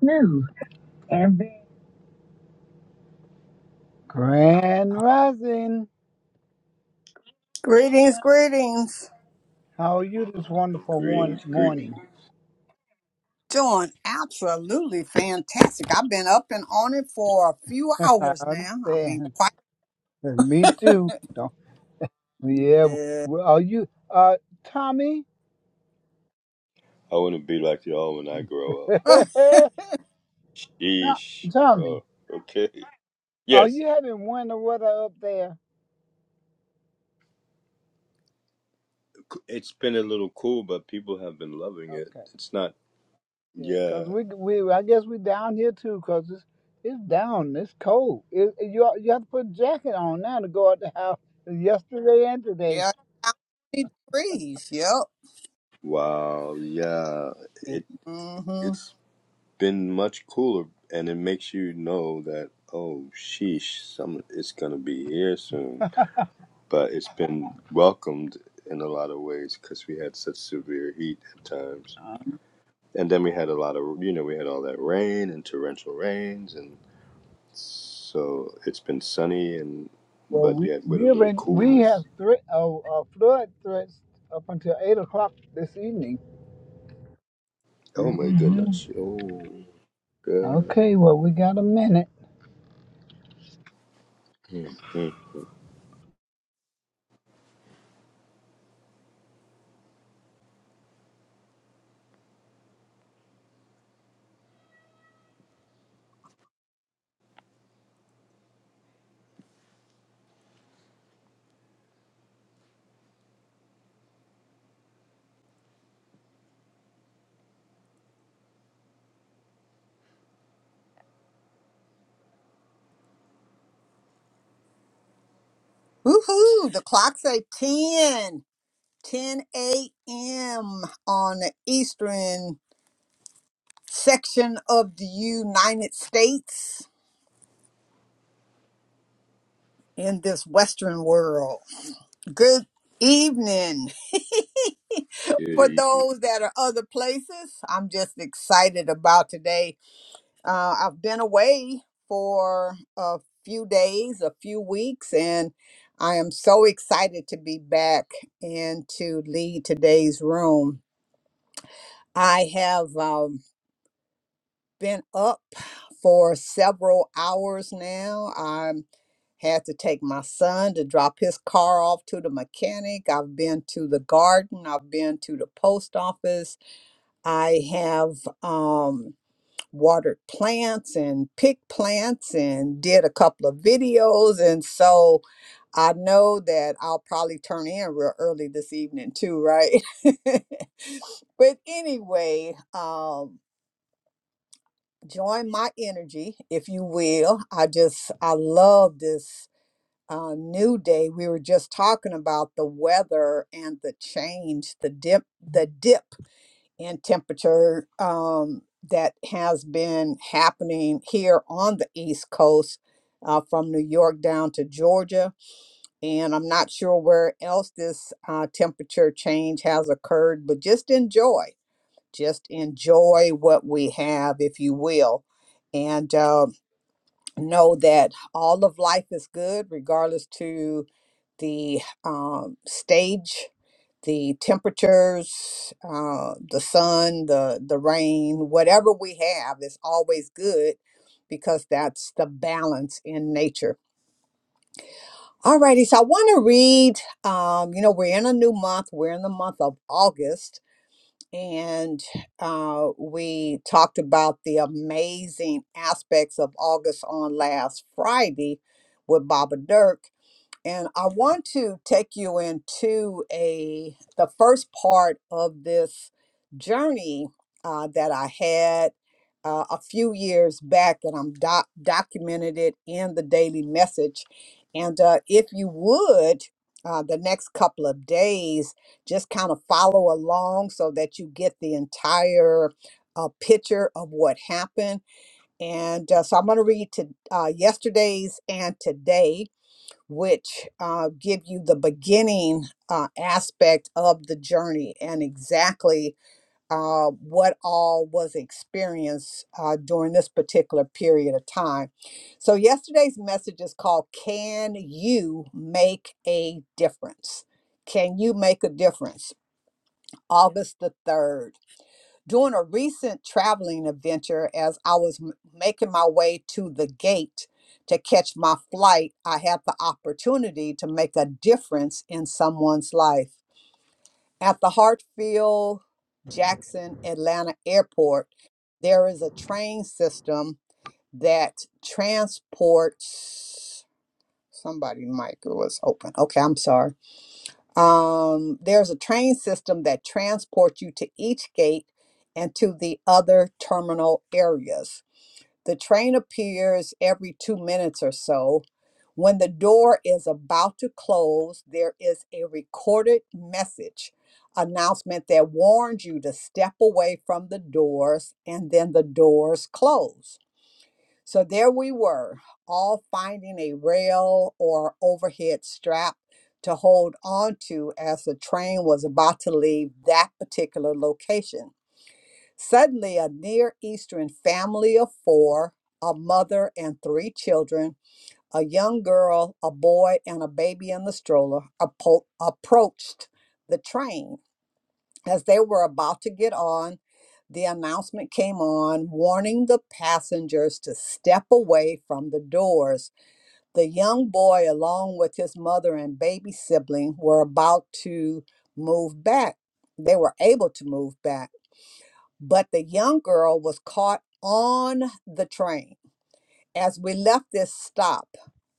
New every Grand Rising. Greetings, greetings. How are you this wonderful one Greetings, greetings. morning? Doing absolutely fantastic. I've been up and on it for a few I hours now. I mean, understand. quite. Me too. Don't, yeah. Uh, Well, are you, uh, Tommy? I want to be like y'all when I grow up. To- Sheesh. Tommy, Oh, okay. are Yes, you having winter weather up there? it's been a little cool, but people have been loving it. Okay. It's not. Yeah, Yeah. cause we we I guess we down here too, cause it's it's down. It's cold. It, you you have to put a jacket on now to go out the house. Yesterday and today. yeah, 90 degrees. Yep. Wow. Yeah. It Mm-hmm. it's been much cooler, and it makes you know that oh, sheesh, some it's gonna be here soon. But it's been welcomed in a lot of ways because we had such severe heat at times. and then we had a lot of you know we had all that rain and torrential rains and so it's been sunny and Well, but we yet with a we've little been we coolness have threat uh, uh, flood threats up until eight o'clock this evening. oh my goodness oh god Okay, well we got a minute. Mhm. Woohoo! The clock's at 10, 10 a.m. on the eastern section of the United States in this Western world. Good evening. for cutie those that are other places, I'm just excited about today. Uh, I've been away for a few days, a few weeks, and I am so excited to be back and to lead today's room. I have um, been up for several hours now. I had to take my son to drop his car off to the mechanic. I've been to the garden. I've been to the post office. I have um, watered plants and picked plants and did a couple of videos. And so I know that I'll probably turn in real early this evening, too, right? but anyway, um, join my energy, if you will. I just, I love this. Uh, new day. We were just talking about the weather and the change, the dip, the dip and temperature um, that has been happening here on the East Coast uh, from New York down to Georgia. And I'm not sure where else this uh, temperature change has occurred, but just enjoy. Just enjoy what we have, if you will. And uh, know that all of life is good regardless to the um, stage the temperatures uh, the sun the the rain whatever we have is always good because that's the balance in nature alrighty so i want to read um, you know we're in a new month we're in the month of august and uh, we talked about the amazing aspects of August on last Friday with Baba Dirk. And I want to take you into a the first part of this journey uh, that I had uh, a few years back, and I'm doc- documented it in the daily message. And uh, if you would, uh, the next couple of days, just kind of follow along so that you get the entire uh, picture of what happened. And uh, so I'm going to read to uh, yesterday's and today's which uh, give you the beginning uh, aspect of the journey and exactly uh, what all was experienced uh, during this particular period of time. So, yesterday's message is called Can You Make a Difference? Can you make a difference? August the 3rd. During a recent traveling adventure, as I was m- making my way to the gate to catch my flight, I had the opportunity to make a difference in someone's life. At the Hartfield Jackson Atlanta Airport, there is a train system that transports somebody mic was open. Okay, I'm sorry um, there's a train system that transports you to each gate and to the other terminal areas. The train appears every two minutes or so. When the door is about to close, there is a recorded message announcement that warns you to step away from the doors and then the doors close. So there we were, all finding a rail or overhead strap to hold on to as the train was about to leave that particular location. Suddenly, a Near Eastern family of four, a mother and three children, a young girl, a boy, and a baby in the stroller, appo- approached the train. As they were about to get on, the announcement came on warning the passengers to step away from the doors. The young boy, along with his mother and baby sibling, were about to move back. They were able to move back, but the young girl was caught on the train. As we left this stop,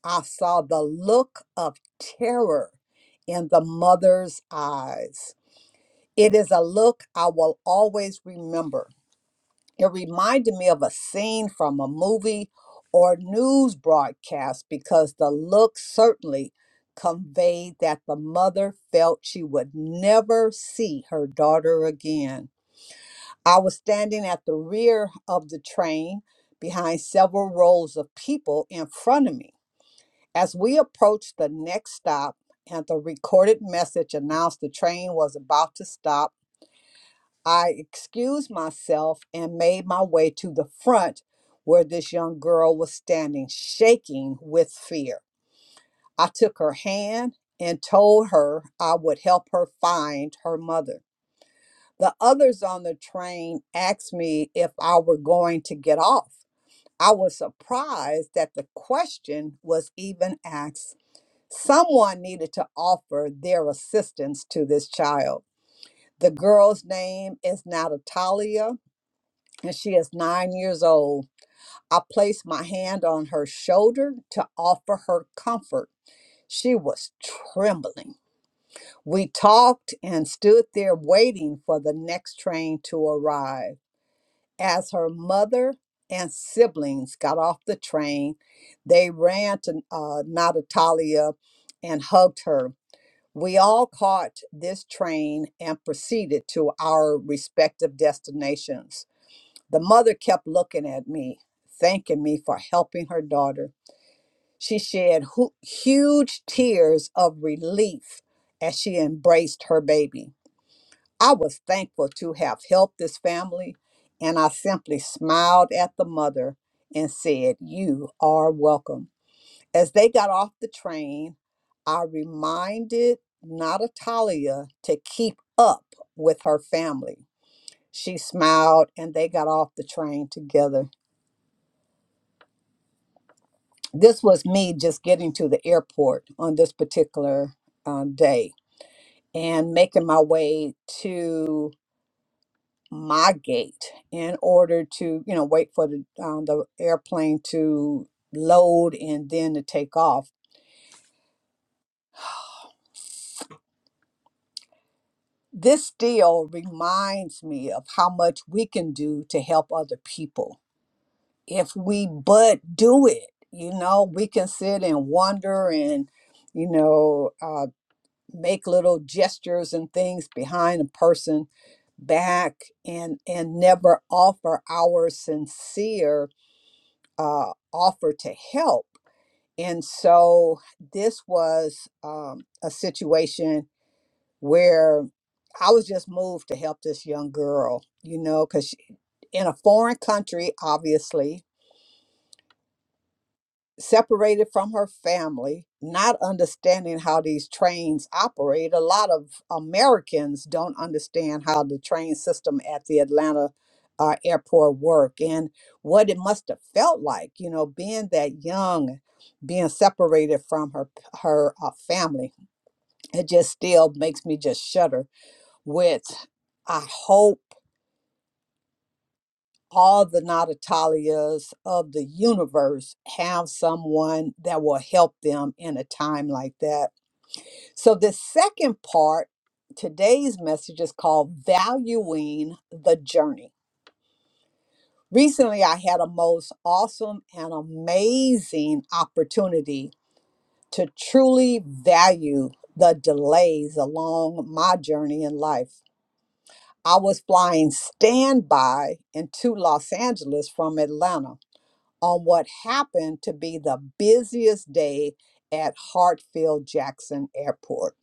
I saw the look of terror in the mother's eyes. It is a look I will always remember. It reminded me of a scene from a movie or news broadcast because the look certainly conveyed that the mother felt she would never see her daughter again. I was standing at the rear of the train behind several rows of people in front of me. As we approached the next stop and the recorded message announced the train was about to stop, I excused myself and made my way to the front where this young girl was standing, shaking with fear. I took her hand and told her I would help her find her mother. The others on the train asked me if I were going to get off. I was surprised that the question was even asked. Someone needed to offer their assistance to this child. The girl's name is not Natalia and she is nine years old. I placed my hand on her shoulder to offer her comfort. She was trembling. We talked and stood there waiting for the next train to arrive. As her mother and siblings got off the train, they ran to uh, Natatalia and hugged her. We all caught this train and proceeded to our respective destinations. The mother kept looking at me, thanking me for helping her daughter. She shed hu- huge tears of relief as she embraced her baby. I was thankful to have helped this family, and I simply smiled at the mother and said, You are welcome. As they got off the train, I reminded Natalia to keep up with her family. She smiled, and they got off the train together. this was me just getting to the airport on this particular uh, day and making my way to my gate in order to you know wait for the um, the airplane to load and then to take off this still reminds me of how much we can do to help other people if we but do it you know we can sit and wonder and you know uh, make little gestures and things behind a person back and and never offer our sincere uh, offer to help and so this was um, a situation where i was just moved to help this young girl you know because in a foreign country obviously separated from her family, not understanding how these trains operate. A lot of Americans don't understand how the train system at the Atlanta uh, airport work and what it must have felt like, you know, being that young, being separated from her her uh, family. It just still makes me just shudder with I hope all the Natalias of the universe have someone that will help them in a time like that. So, the second part, today's message is called Valuing the Journey. Recently, I had a most awesome and amazing opportunity to truly value the delays along my journey in life. I was flying standby into Los Angeles from Atlanta on what happened to be the busiest day at Hartfield Jackson Airport.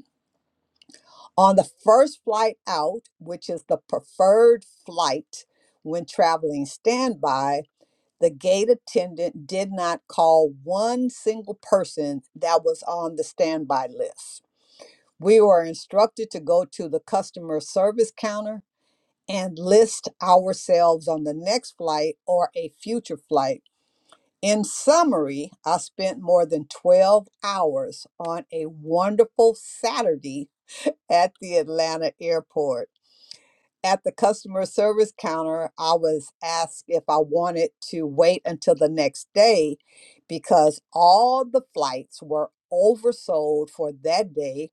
On the first flight out, which is the preferred flight when traveling standby, the gate attendant did not call one single person that was on the standby list. We were instructed to go to the customer service counter and list ourselves on the next flight or a future flight In summary, I spent more than 12 hours on a wonderful Saturday at the Atlanta airport. At the customer service counter, I was asked if I wanted to wait until the next day because all the flights were oversold for that day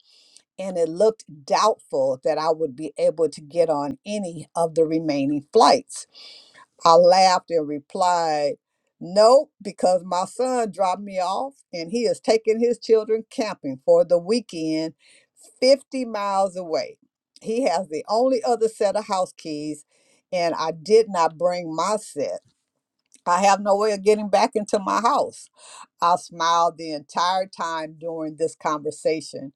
and it looked doubtful that I would be able to get on any of the remaining flights. I laughed and replied, Nope, because my son dropped me off and he is taking his children camping for the weekend 50 miles away. He has the only other set of house keys, and I did not bring my set. I have no way of getting back into my house. I smiled the entire time during this conversation,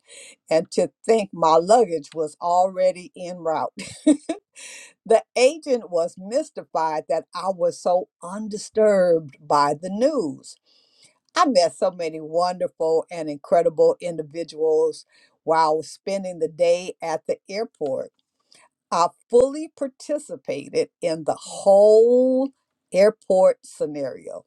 and to think my luggage was already en route. The agent was mystified that I was so undisturbed by the news. I met so many wonderful and incredible individuals while spending the day at the airport. I fully participated in the whole airport scenario.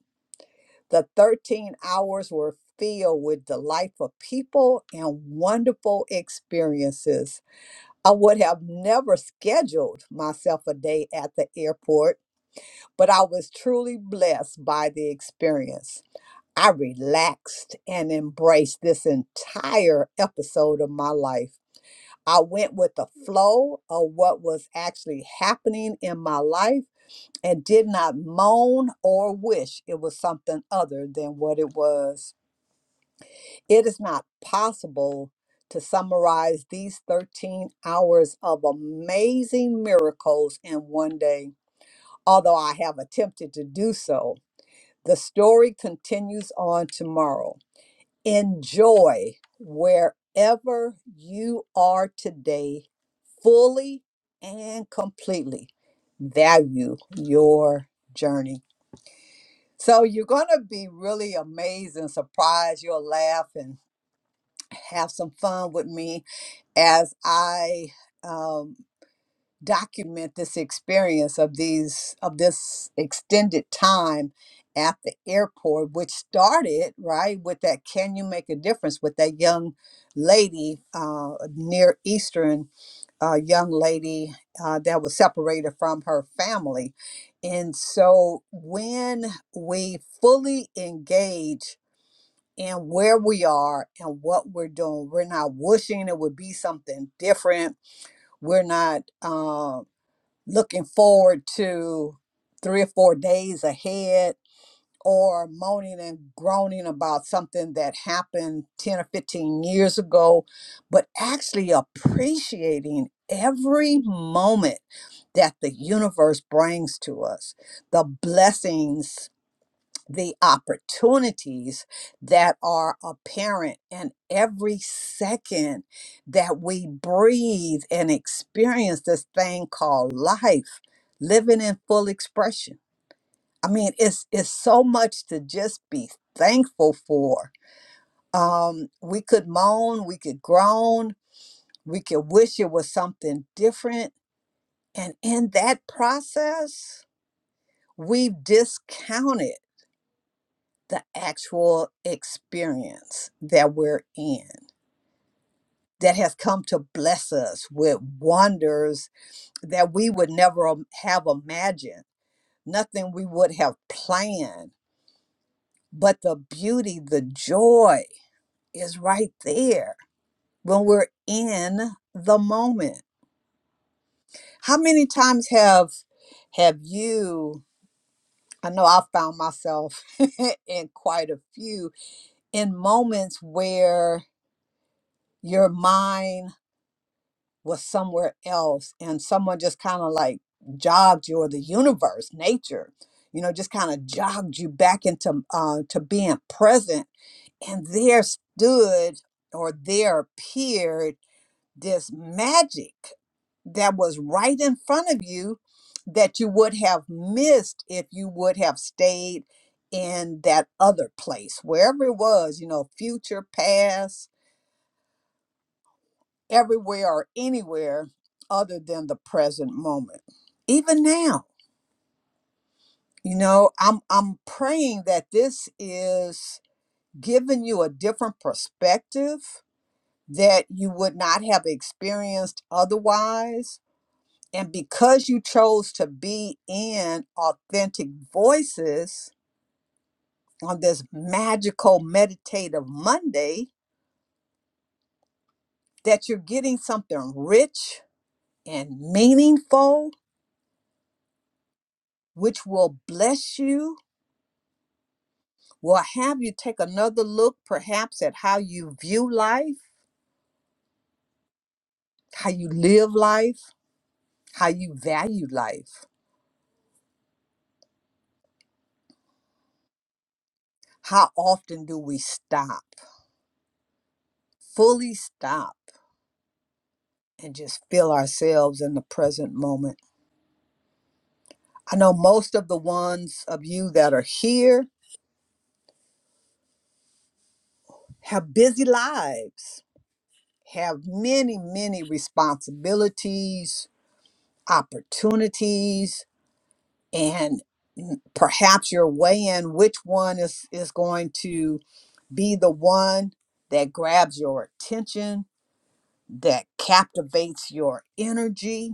The 13 hours were filled with delightful people and wonderful experiences. I would have never scheduled myself a day at the airport but I was truly blessed by the experience. I relaxed and embraced this entire episode of my life. I went with the flow of what was actually happening in my life and did not moan or wish it was something other than what it was. It is not possible to summarize these 13 hours of amazing miracles in one day, although I have attempted to do so. The story continues on tomorrow. Enjoy wherever you are today, fully and completely. Value your journey. So, you're going to be really amazed and surprised. You'll laugh and have some fun with me as I. um, document this experience of these of this extended time at the airport which started right with that can you make a difference with that young lady uh, near eastern uh, young lady uh, that was separated from her family and so when we fully engage in where we are and what we're doing we're not wishing it would be something different we're not um looking forward to three or four days ahead or moaning and groaning about something that happened 10 or 15 years ago, but actually appreciating every moment that the universe brings to us, the blessings the opportunities that are apparent in every second that we breathe and experience this thing called life living in full expression i mean it's it's so much to just be thankful for um we could moan we could groan we could wish it was something different and in that process we've discounted the actual experience that we're in that has come to bless us with wonders that we would never im- have imagined, nothing we would have planned. But the beauty, the joy is right there when we're in the moment. How many times have have you I know I found myself in quite a few in moments where your mind was somewhere else and someone just kind of like jogged you or the universe nature you know just kind of jogged you back into uh, to being present and there stood or there appeared this magic that was right in front of you that you would have missed if you would have stayed in that other place wherever it was you know future past everywhere or anywhere other than the present moment. Even now, you know, I'm I'm praying that this is giving you a different perspective that you would not have experienced otherwise. And because you chose to be in authentic voices on this magical meditative Monday, that you're getting something rich and meaningful, which will bless you will have you take another look perhaps at how you view life, how you live life, how you value life. How often do we stop, fully stop, and just feel ourselves in the present moment? I know most of the ones of you that are here have busy lives, have many, many responsibilities, opportunities, and mm, perhaps you're weighing which one is, is going to be the one that grabs your attention, that captivates your energy.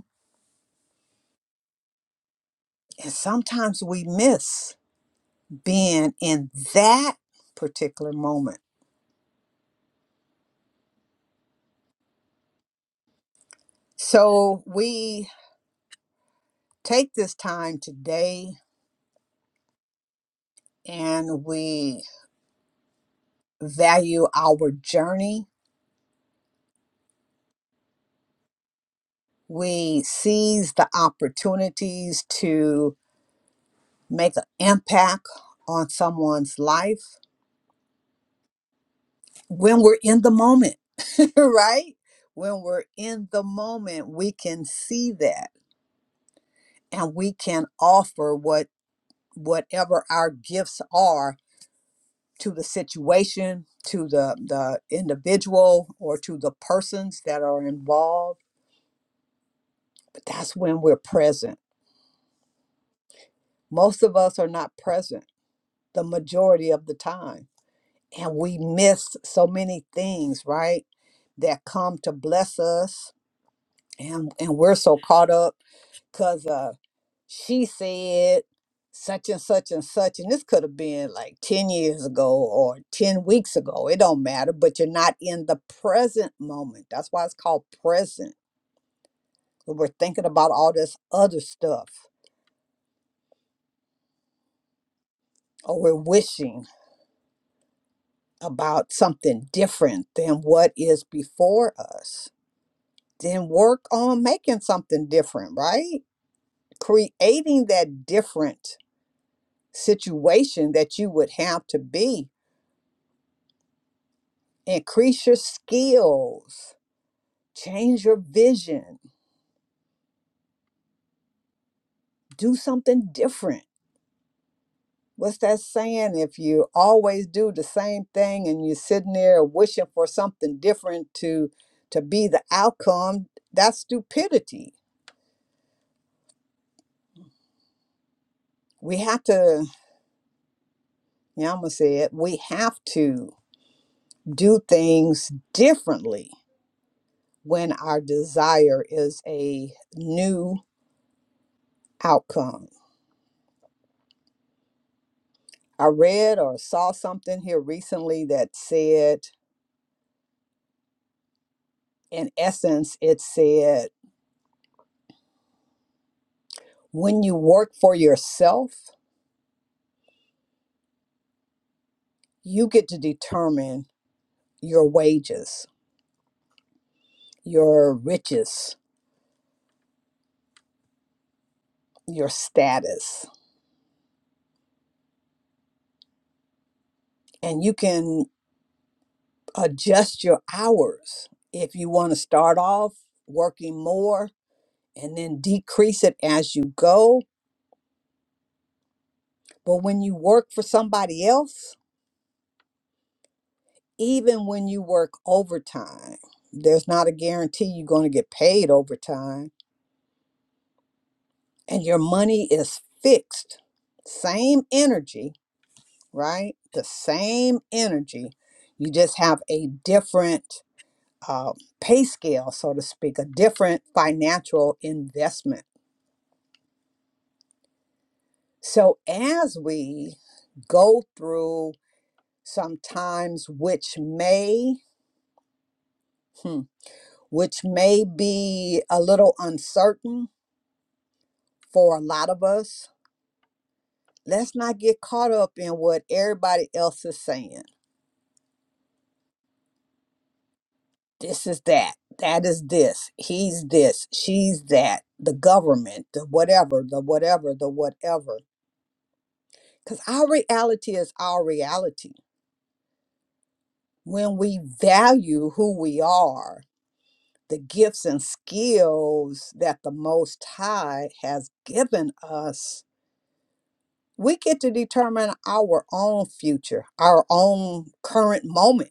And sometimes we miss being in that particular moment. So we take this time today and we value our journey. We seize the opportunities to make an impact on someone's life when we're in the moment right? When we're in the moment, we can see that and we can offer what whatever our gifts are to the situation, to the the individual or to the persons that are involved. But that's when we're present. Most of us are not present the majority of the time. And we miss so many things, right? That come to bless us. And and we're so caught up because uh, she said such and such and such, and this could have been like 10 years ago or 10 weeks ago. It don't matter, but you're not in the present moment. That's why it's called present. We're thinking about all this other stuff, or we're wishing about something different than what is before us. Then work on making something different, right? Creating that different situation that you would have to be increase your skills, change your vision, do something different. What's that saying? If you always do the same thing and you're sitting there wishing for something different to to be the outcome, that's stupidity. We have to, yeah, I'm gonna say it, we have to do things differently when our desire is a new outcome. I read or saw something here recently that said in essence, it said, when you work for yourself, you get to determine your wages, your riches, your status, and you can adjust your hours if you want to start off working more and then decrease it as you go. But when you work for somebody else, even when you work overtime, there's not a guarantee you're going to get paid overtime and your money is fixed. Same energy, right? The same energy. You just have a different uh, pay scale, so to speak, a different financial investment. So as we go through some times which may hmm, which may be a little uncertain for a lot of us let's not get caught up in what everybody else is saying this is that that is this he's this she's that the government the whatever the whatever the whatever because our reality is our reality when we value who we are the gifts and skills that the most high has given us we get to determine our own future our own current moment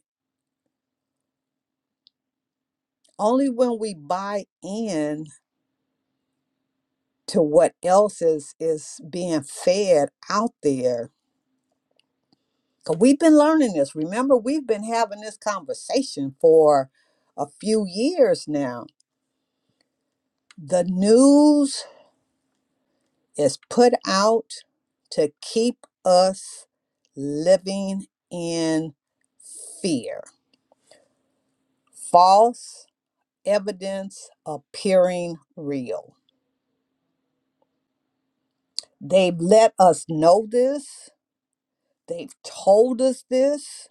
only when we buy in to what else is is being fed out there Cause we've been learning this. Remember, we've been having this conversation for a few years now. The news is put out to keep us living in fear. False evidence appearing real. They've let us know this. They've told us this.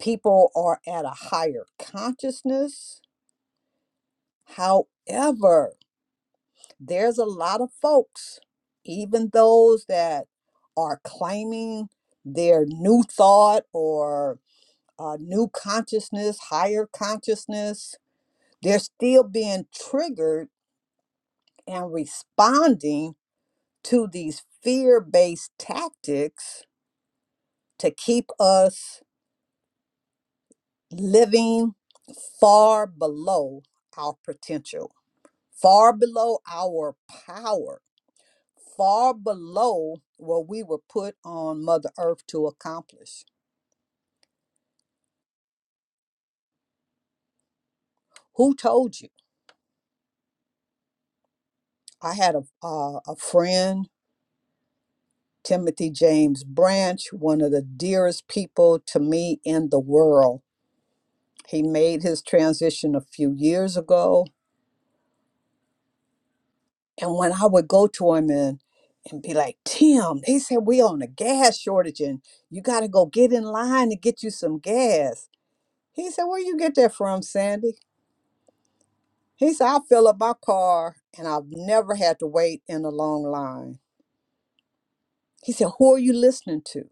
People are at a higher consciousness. However, there's a lot of folks, even those that are claiming their new thought or uh, new consciousness, higher consciousness, they're still being triggered and responding to these fear based tactics to keep us living far below our potential, far below our power far below what we were put on Mother Earth to accomplish. Who told you? I had a, uh, a friend, Timothy James Branch, one of the dearest people to me in the world. He made his transition a few years ago. And when I would go to him and, and be like, Tim, they said we on a gas shortage and you got to go get in line to get you some gas. He said, Where you get that from, Sandy? He said, I fill up my car and I've never had to wait in a long line. He said, Who are you listening to?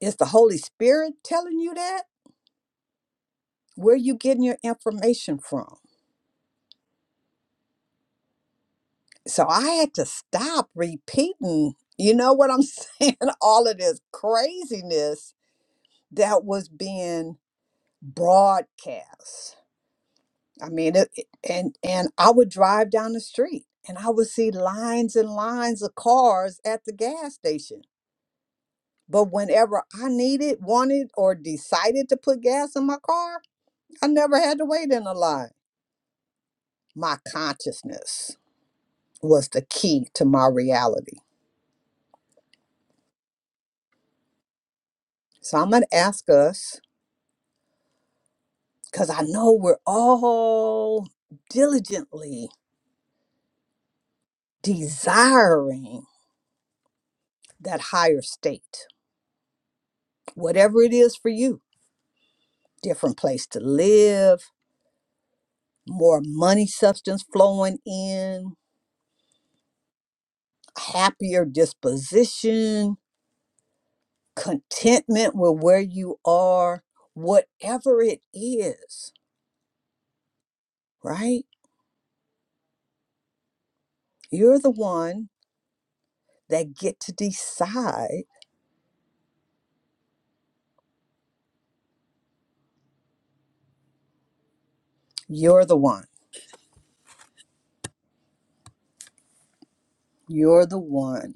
Is the Holy Spirit telling you that? Where are you getting your information from? So I had to stop repeating, you know what I'm saying? All of this craziness that was being broadcast. I mean, it, it- and and I would drive down the street and I would see lines and lines of cars at the gas station But whenever I needed, wanted, or decided to put gas in my car, I never had to wait in a line. My consciousness was the key to my reality. So I'm going to ask us, because I know we're all diligently desiring that higher state, whatever it is for you, different place to live, more money substance flowing in, happier disposition, contentment with where you are, whatever it is, right? You're the one that get to decide. You're the one. You're the one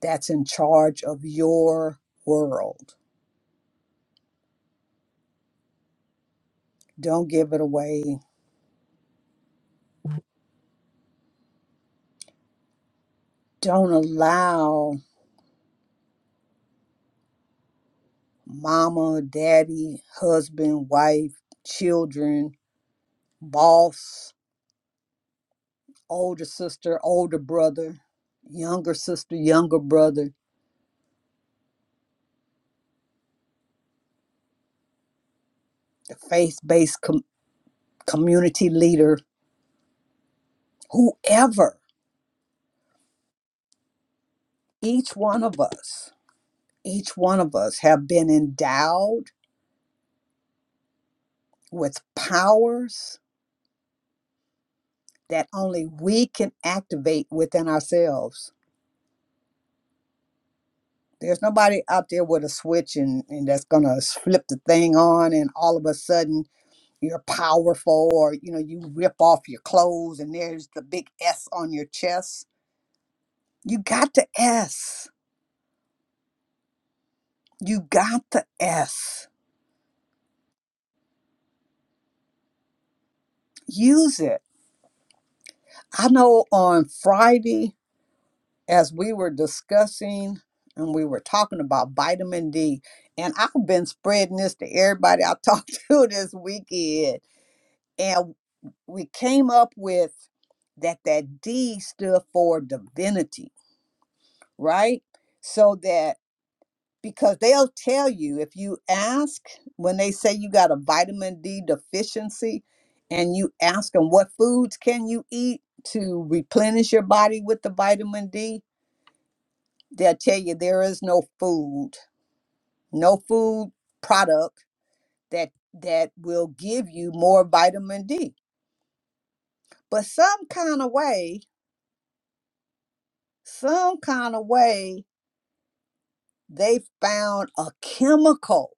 that's in charge of your world. Don't give it away. Don't allow mama, daddy, husband, wife, children, boss, older sister, older brother, younger sister, younger brother, the faith-based community leader, whoever, each one of us, each one of us have been endowed with powers that only we can activate within ourselves. There's nobody out there with a switch and, and that's gonna flip the thing on and all of a sudden you're powerful or you know you rip off your clothes and there's the big S on your chest. You got the S. You got the S. Use it. I know on Friday as we were discussing and we were talking about vitamin D, and I've been spreading this to everybody I talked to this weekend, and we came up with that that D stood for divinity, right? So that because they'll tell you if you ask when they say you got a vitamin D deficiency and you ask them what foods can you eat to replenish your body with the vitamin D they'll tell you there is no food, no food product that that will give you more vitamin D. But some kind of way, some kind of way, they found a chemical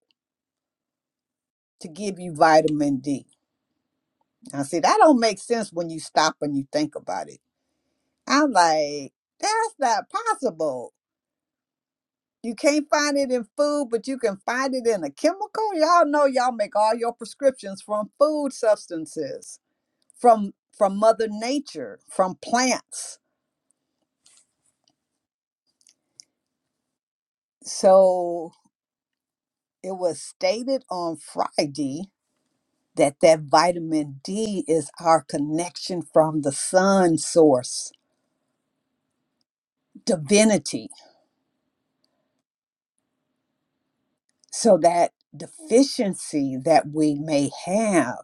to give you vitamin D. Now, see, that don't make sense when you stop and you think about it. I'm like, that's not possible. You can't find it in food, but you can find it in a chemical. Y'all know y'all make all your prescriptions from food substances from from mother nature from plants so it was stated on friday that that vitamin d is our connection from the sun source divinity so that deficiency that we may have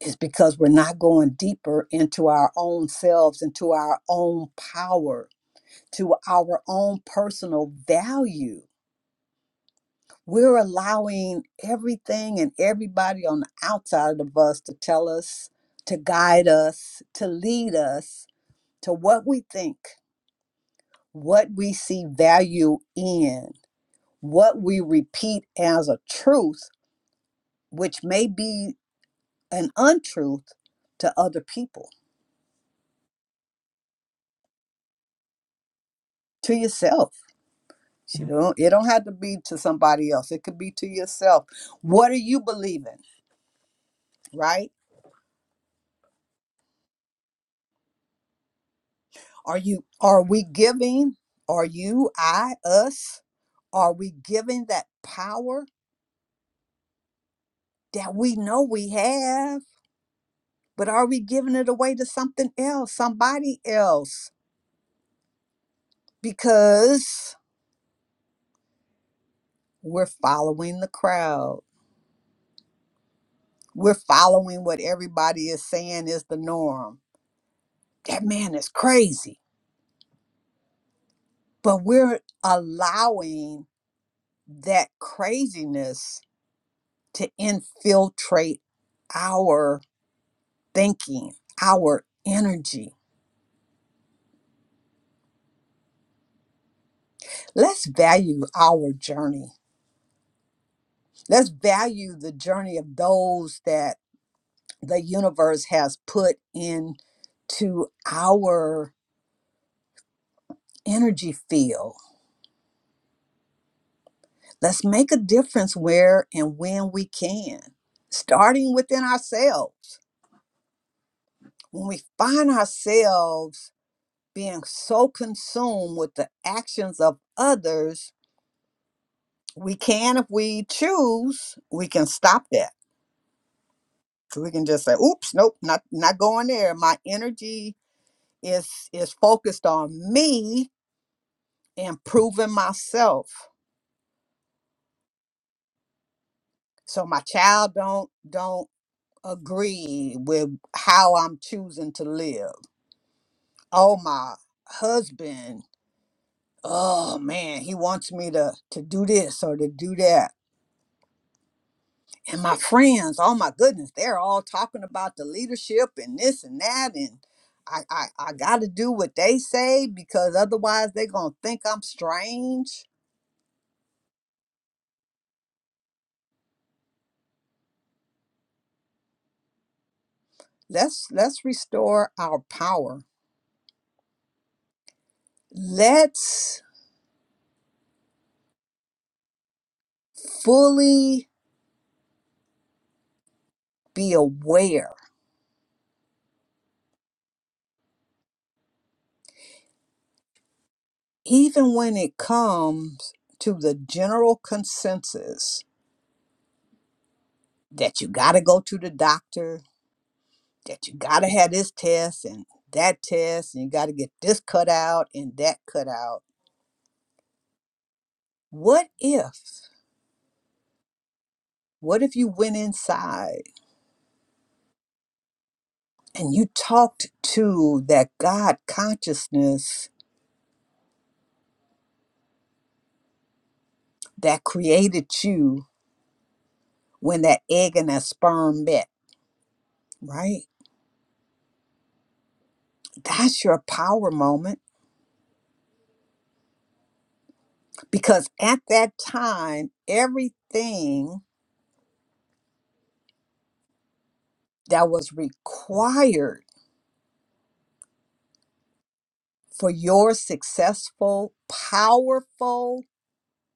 is because we're not going deeper into our own selves into our own power to our own personal value We're allowing everything and everybody on the outside of us to tell us, to guide us, to lead us to what we think, what we see value in, what we repeat as a truth, which may be an untruth to other people, to yourself. You don't, it don't have to be to somebody else. It could be to yourself. What are you believing, right? Are you are we giving? Are you I us? Are we giving that power that we know we have, but are we giving it away to something else, somebody else? Because we're following the crowd. We're following what everybody is saying is the norm. That man is crazy. But we're allowing that craziness to infiltrate our thinking, our energy. Let's value our journey let's value the journey of those that the universe has put into our energy field. Let's make a difference where and when we can, starting within ourselves. When we find ourselves being so consumed with the actions of others, we can, if we choose, we can stop that. So We can just say, oops, nope, not not going there. My energy is is focused on me improving myself so my child don't don't agree with how i'm choosing to live oh my husband oh man he wants me to to do this or to do that and my friends oh my goodness they're all talking about the leadership and this and that and i i, I gotta do what they say because otherwise they're gonna think i'm strange let's let's restore our power let's fully be aware, even when it comes to the general consensus that you got to go to the doctor, that you got to have this test and that test, and you got to get this cut out and that cut out. What if, what if you went inside and you talked to that God consciousness that created you when that egg and that sperm met, right? That's your power moment because at that time, everything that was required for your successful, powerful,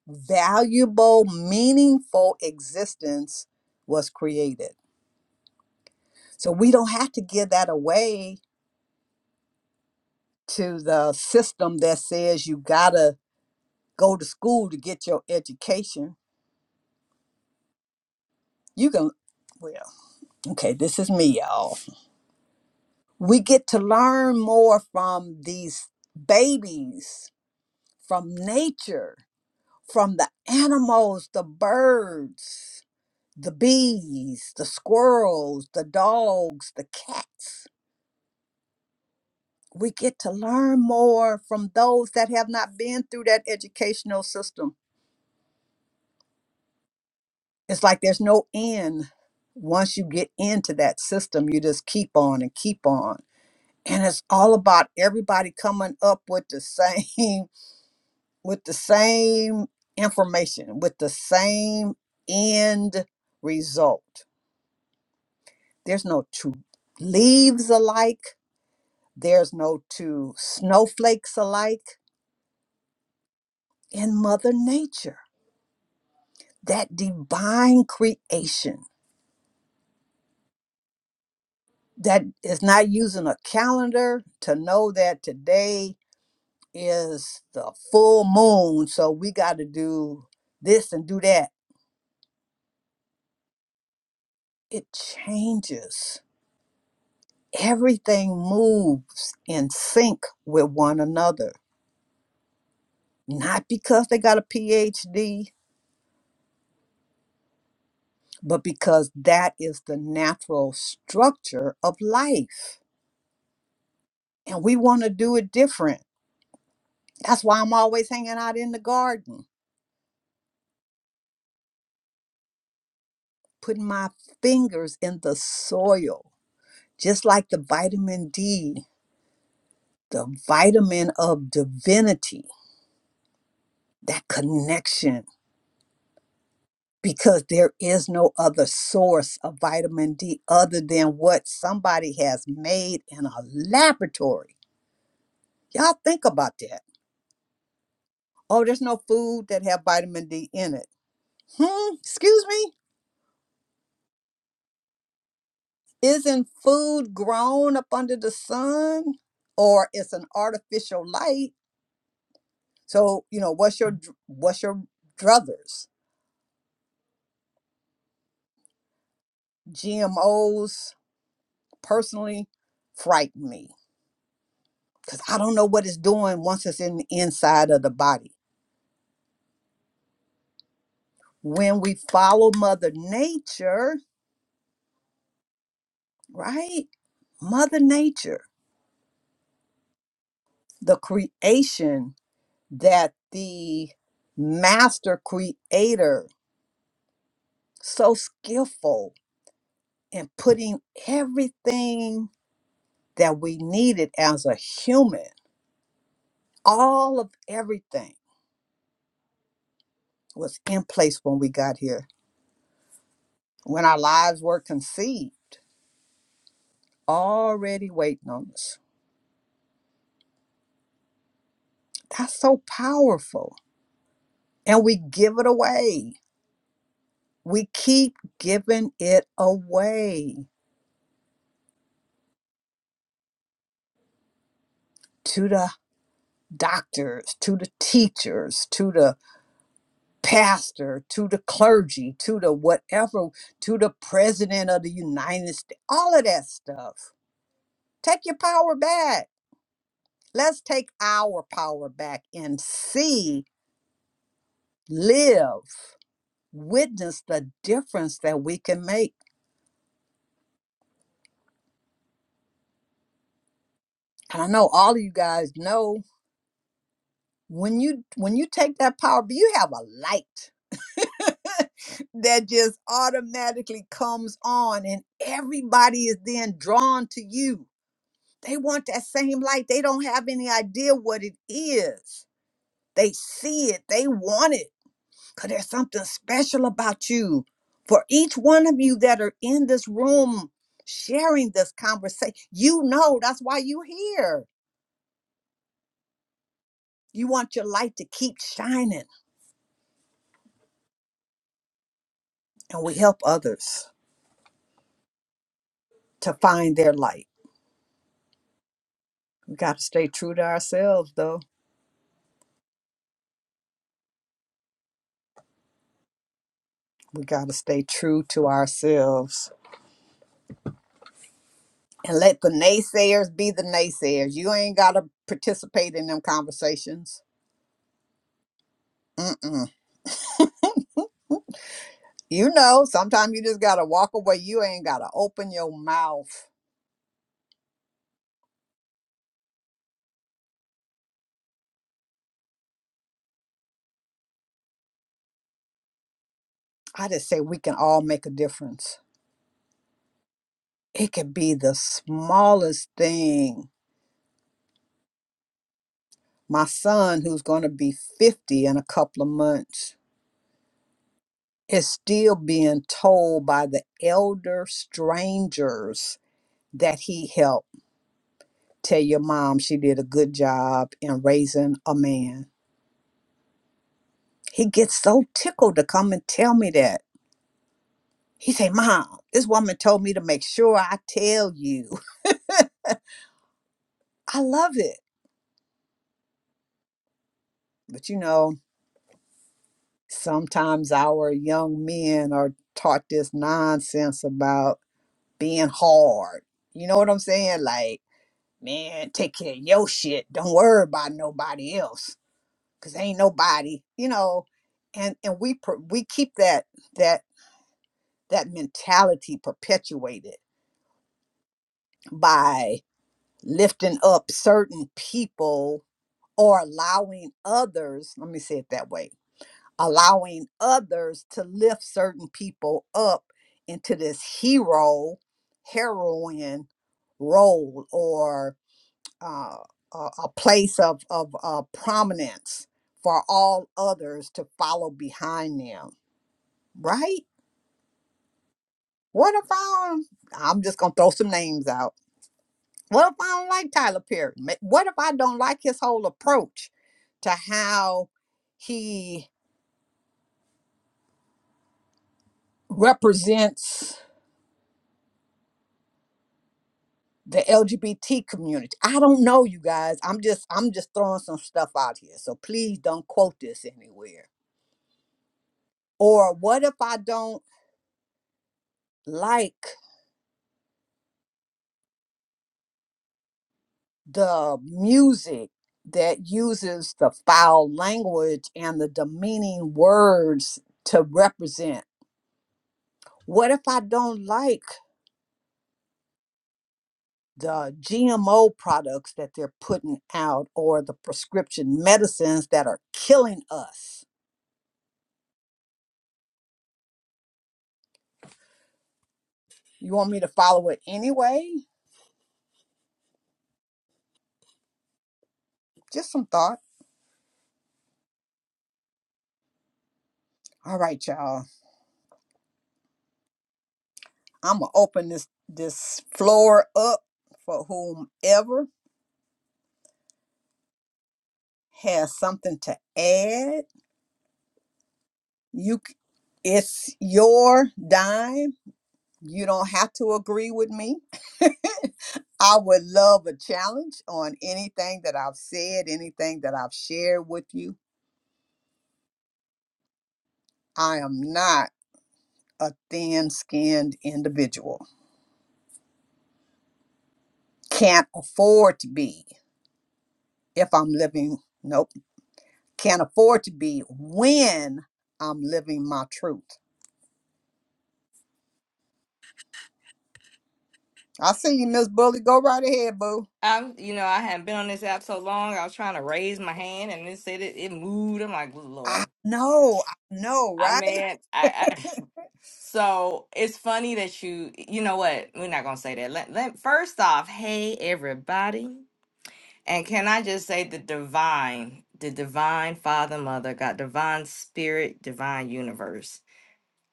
valuable, meaningful existence was created. So we don't have to give that away to the system that says you got to go to school to get your education. You can, well, okay, this is me, y'all. we get to learn more from these babies, from nature, from the animals, the birds, the bees, the squirrels, the dogs, the cats. We get to learn more from those that have not been through that educational system. It's like there's no end. Once you get into that system, you just keep on and keep on. And it's all about everybody coming up with the same with the same information, with the same end result. There's no two leaves alike, there's no two snowflakes alike in Mother Nature, that divine creation that is not using a calendar to know that today is the full moon, so we got to do this and do that. It changes everything moves in sync with one another. Not because they got a PhD, but because that is the natural structure of life. And we want to do it different. That's why I'm always hanging out in the garden, putting my fingers in the soil, just like the vitamin D, the vitamin of divinity, that connection because there is no other source of vitamin D other than what somebody has made in a laboratory. Y'all think about that. Oh, there's no food that have vitamin D in it. Hmm, excuse me? Isn't food grown up under the sun or it's an artificial light? So, you know, what's your dr- what's your druthers? GMOs personally frighten me because I don't know what it's doing once it's in the inside of the body. When we follow Mother Nature, right? Mother Nature, the creation that the master creator, so skillful in putting everything that we needed as a human, all of everything was in place when we got here, when our lives were conceived, already waiting on us. That's so powerful. And we give it away we keep giving it away to the doctors, to the teachers, to the pastor, to the clergy, to the whatever, to the president of the United States, all of that stuff. Take your power back. Let's take our power back and see, live, witness the difference that we can make. And I know all of you guys know when you when you take that power, you have a light that just automatically comes on and everybody is then drawn to you. They want that same light. They don't have any idea what it is. They see it. They want it because there's something special about you. For each one of you that are in this room sharing this conversation, you know that's why you're here. You want your light to keep shining, and we help others to find their light. We got to stay true to ourselves, though. We got to stay true to ourselves and let the naysayers be the naysayers. You ain't got to participate in them conversations. Mm-mm. You know, sometimes you just got to walk away. You ain't got to open your mouth. I just say we can all make a difference. It could be the smallest thing. My son, who's going to be 50 in a couple of months, is still being told by the elder strangers that he helped Tell your mom she did a good job in raising a man. He gets so tickled to come and tell me that. He say, Mom, this woman told me to make sure I tell you. I love it. But you know, sometimes our young men are taught this nonsense about being hard. You know what I'm saying? Like, man, take care of your shit. Don't worry about nobody else. Cause ain't nobody, you know, and and we pr- we keep that that that mentality perpetuated by lifting up certain people or allowing others, let me say it that way, allowing others to lift certain people up into this hero, heroine role or uh, a, a place of, of uh, prominence for all others to follow behind them, right? What if I'm, I'm just going to throw some names out What if I don't like Tyler Perry? Ma- What if I don't like his whole approach to how he represents the LGBT community? I don't know, you guys. I'm just I'm just throwing some stuff out here. So please don't quote this anywhere. Or what if I don't like the music that uses the foul language and the demeaning words to represent? What if I don't like the GMO products that they're putting out or the prescription medicines that are killing us. You want me to follow it anyway? Just some thought. All right, y'all. I'm gonna open this this floor up for whomever has something to add. You, c- it's your dime. You don't have to agree with me. I would love a challenge on anything that I've said, anything that I've shared with you. I am not a thin skinned individual. Can't afford to be if I'm living, nope, can't afford to be when I'm living my truth. I see you, Miss Bully. Go right ahead, boo. I'm, you know, I hadn't been on this app so long. I was trying to raise my hand, and it said it, it moved. I'm like, "Good I Lord, know, I know, I right? man, I, I. So it's funny that you, you know what? We're not gonna say that. Let, let first off, hey everybody, and can I just say the divine, the divine Father, Mother, God, divine Spirit, divine universe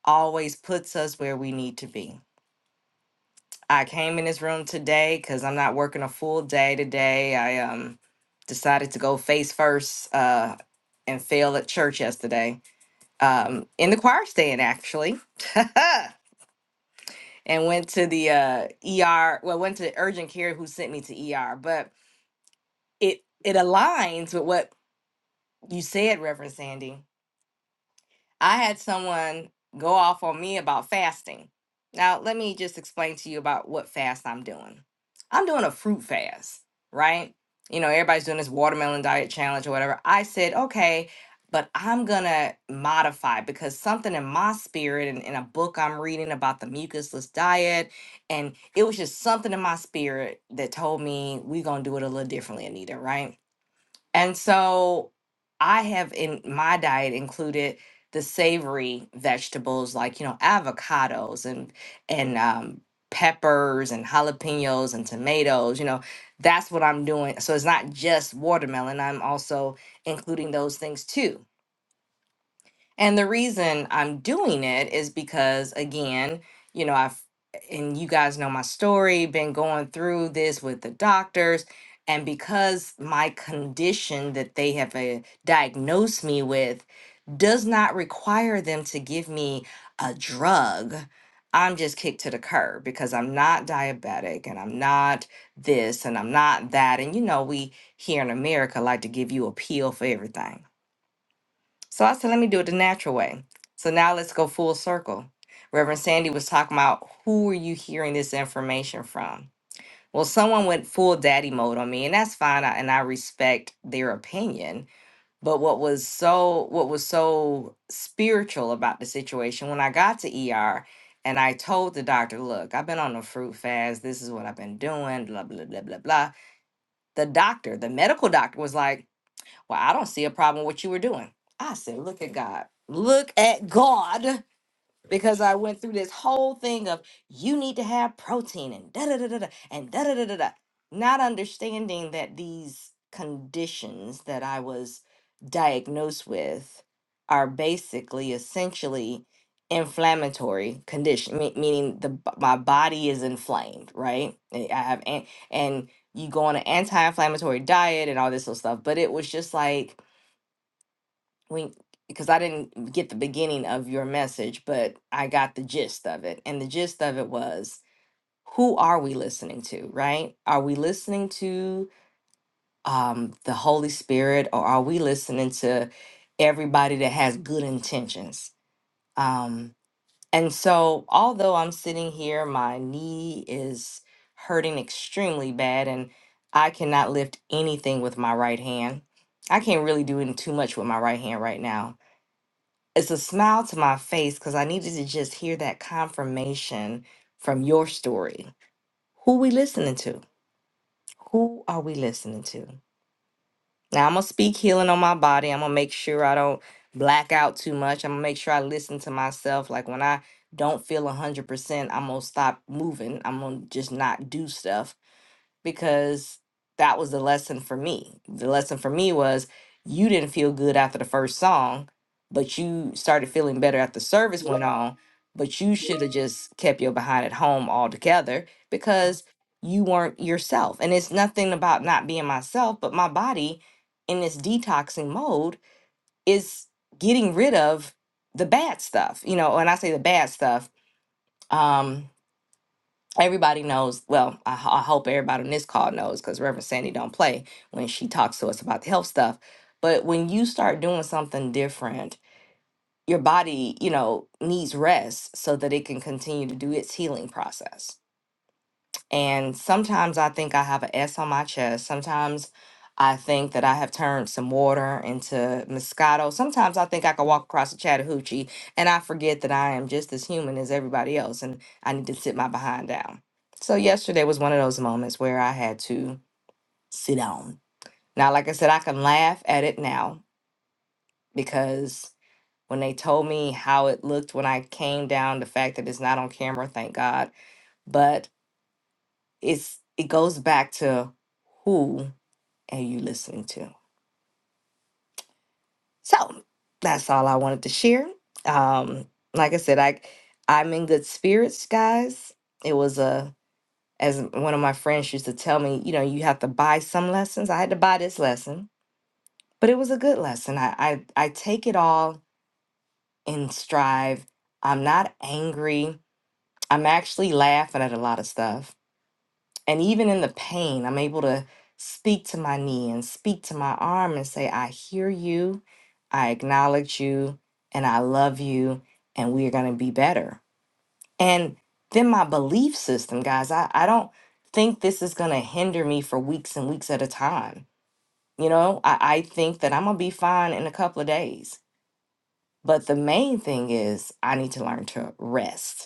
always puts us where we need to be I came in this room today because I'm not working a full day today. I um decided to go face first uh and fail at church yesterday. Um in the choir stand actually. and went to the uh ER well went to urgent care who sent me to ER, but it it aligns with what you said, Reverend Sandy. I had someone go off on me about fasting. Now, let me just explain to you about what fast I'm doing. I'm doing a fruit fast, right? You know, everybody's doing this watermelon diet challenge or whatever. I said, okay, but I'm going to modify because something in my spirit and in a book I'm reading about the mucusless diet, and it was just something in my spirit that told me we're going to do it a little differently, Anita, right? And so I have in my diet included the savory vegetables like, you know, avocados and and um peppers and jalapenos and tomatoes, you know, that's what I'm doing. So it's not just watermelon, I'm also including those things too. And the reason I'm doing it is because, again, you know, I've, and you guys know my story, been going through this with the doctors. And because my condition that they have uh, diagnosed me with does not require them to give me a drug, I'm just kicked to the curb because I'm not diabetic and I'm not this and I'm not that. And you know, we here in America like to give you a pill for everything so I said, let me do it the natural way. So now let's go full circle. Reverend Sandy was talking about who are you hearing this information from? Well, someone went full daddy mode on me, and that's fine, I- and I respect their opinion. But what was so what was so spiritual about the situation when I got to ER and I told the doctor, look, I've been on a fruit fast. This is what I've been doing, blah, blah, blah, blah, blah. The doctor, the medical doctor was like, well, I don't see a problem with what you were doing. I said, Look at God. Look at God. Because I went through this whole thing of you need to have protein and da da da da da and da da da da da. Not understanding that these conditions that I was diagnosed with are basically essentially inflammatory condition me- meaning the b- my body is inflamed right i I have an- and you go on an anti-inflammatory diet and all this little stuff but it was just like when because I didn't get the beginning of your message, but I got the gist of it. And the gist of it was who are we listening to, right? Are we listening to um, the Holy Spirit or are we listening to everybody that has good intentions? Um, and so, although I'm sitting here, my knee is hurting extremely bad and I cannot lift anything with my right hand. I can't really do any- too much with my right hand right now it's a smile to my face because I needed to just hear that confirmation from your story. Who we listening to? Who are we listening to? Now I'm gonna speak healing on my body. I'm gonna make sure I don't black out too much. I'm gonna make sure I listen to myself. Like when I don't feel a hundred percent, I'm gonna stop moving. I'm gonna just not do stuff because that was the lesson for me. The lesson for me was you didn't feel good after the first song, but you started feeling better after service went on. But you should have just kept your behind at home altogether because you weren't yourself. And it's nothing about not being myself, but my body in this detoxing mode is getting rid of the bad stuff. You know, when I say the bad stuff, um, everybody knows well i, ho- I hope everybody on this call knows because reverend sandy don't play when she talks to us about the health stuff but when you start doing something different your body you know needs rest so that it can continue to do its healing process and sometimes I think I have an S on my chest. Sometimes I think that I have turned some water into Moscato. Sometimes I think I can walk across the Chattahoochee and I forget that I am just as human as everybody else and I need to sit my behind down. So, yesterday was one of those moments where I had to sit down. Now, like I said, I can laugh at it now because when they told me how it looked when I came down, the fact that it's not on camera, thank God. But it's it goes back to who are you listening to so that's all i wanted to share um like i said i i'm in good spirits guys it was a as one of my friends used to tell me you know you have to buy some lessons i had to buy this lesson but it was a good lesson i i, I take it all in strive i'm not angry i'm actually laughing at a lot of stuff And even in the pain, I'm able to speak to my knee and speak to my arm and say, I hear you, I acknowledge you, and I love you, and we are going to be better. And then my belief system, guys, I, I don't think this is going to hinder me for weeks and weeks at a time. You know, I, I think that I'm going to be fine in a couple of days. But the main thing is, I need to learn to rest.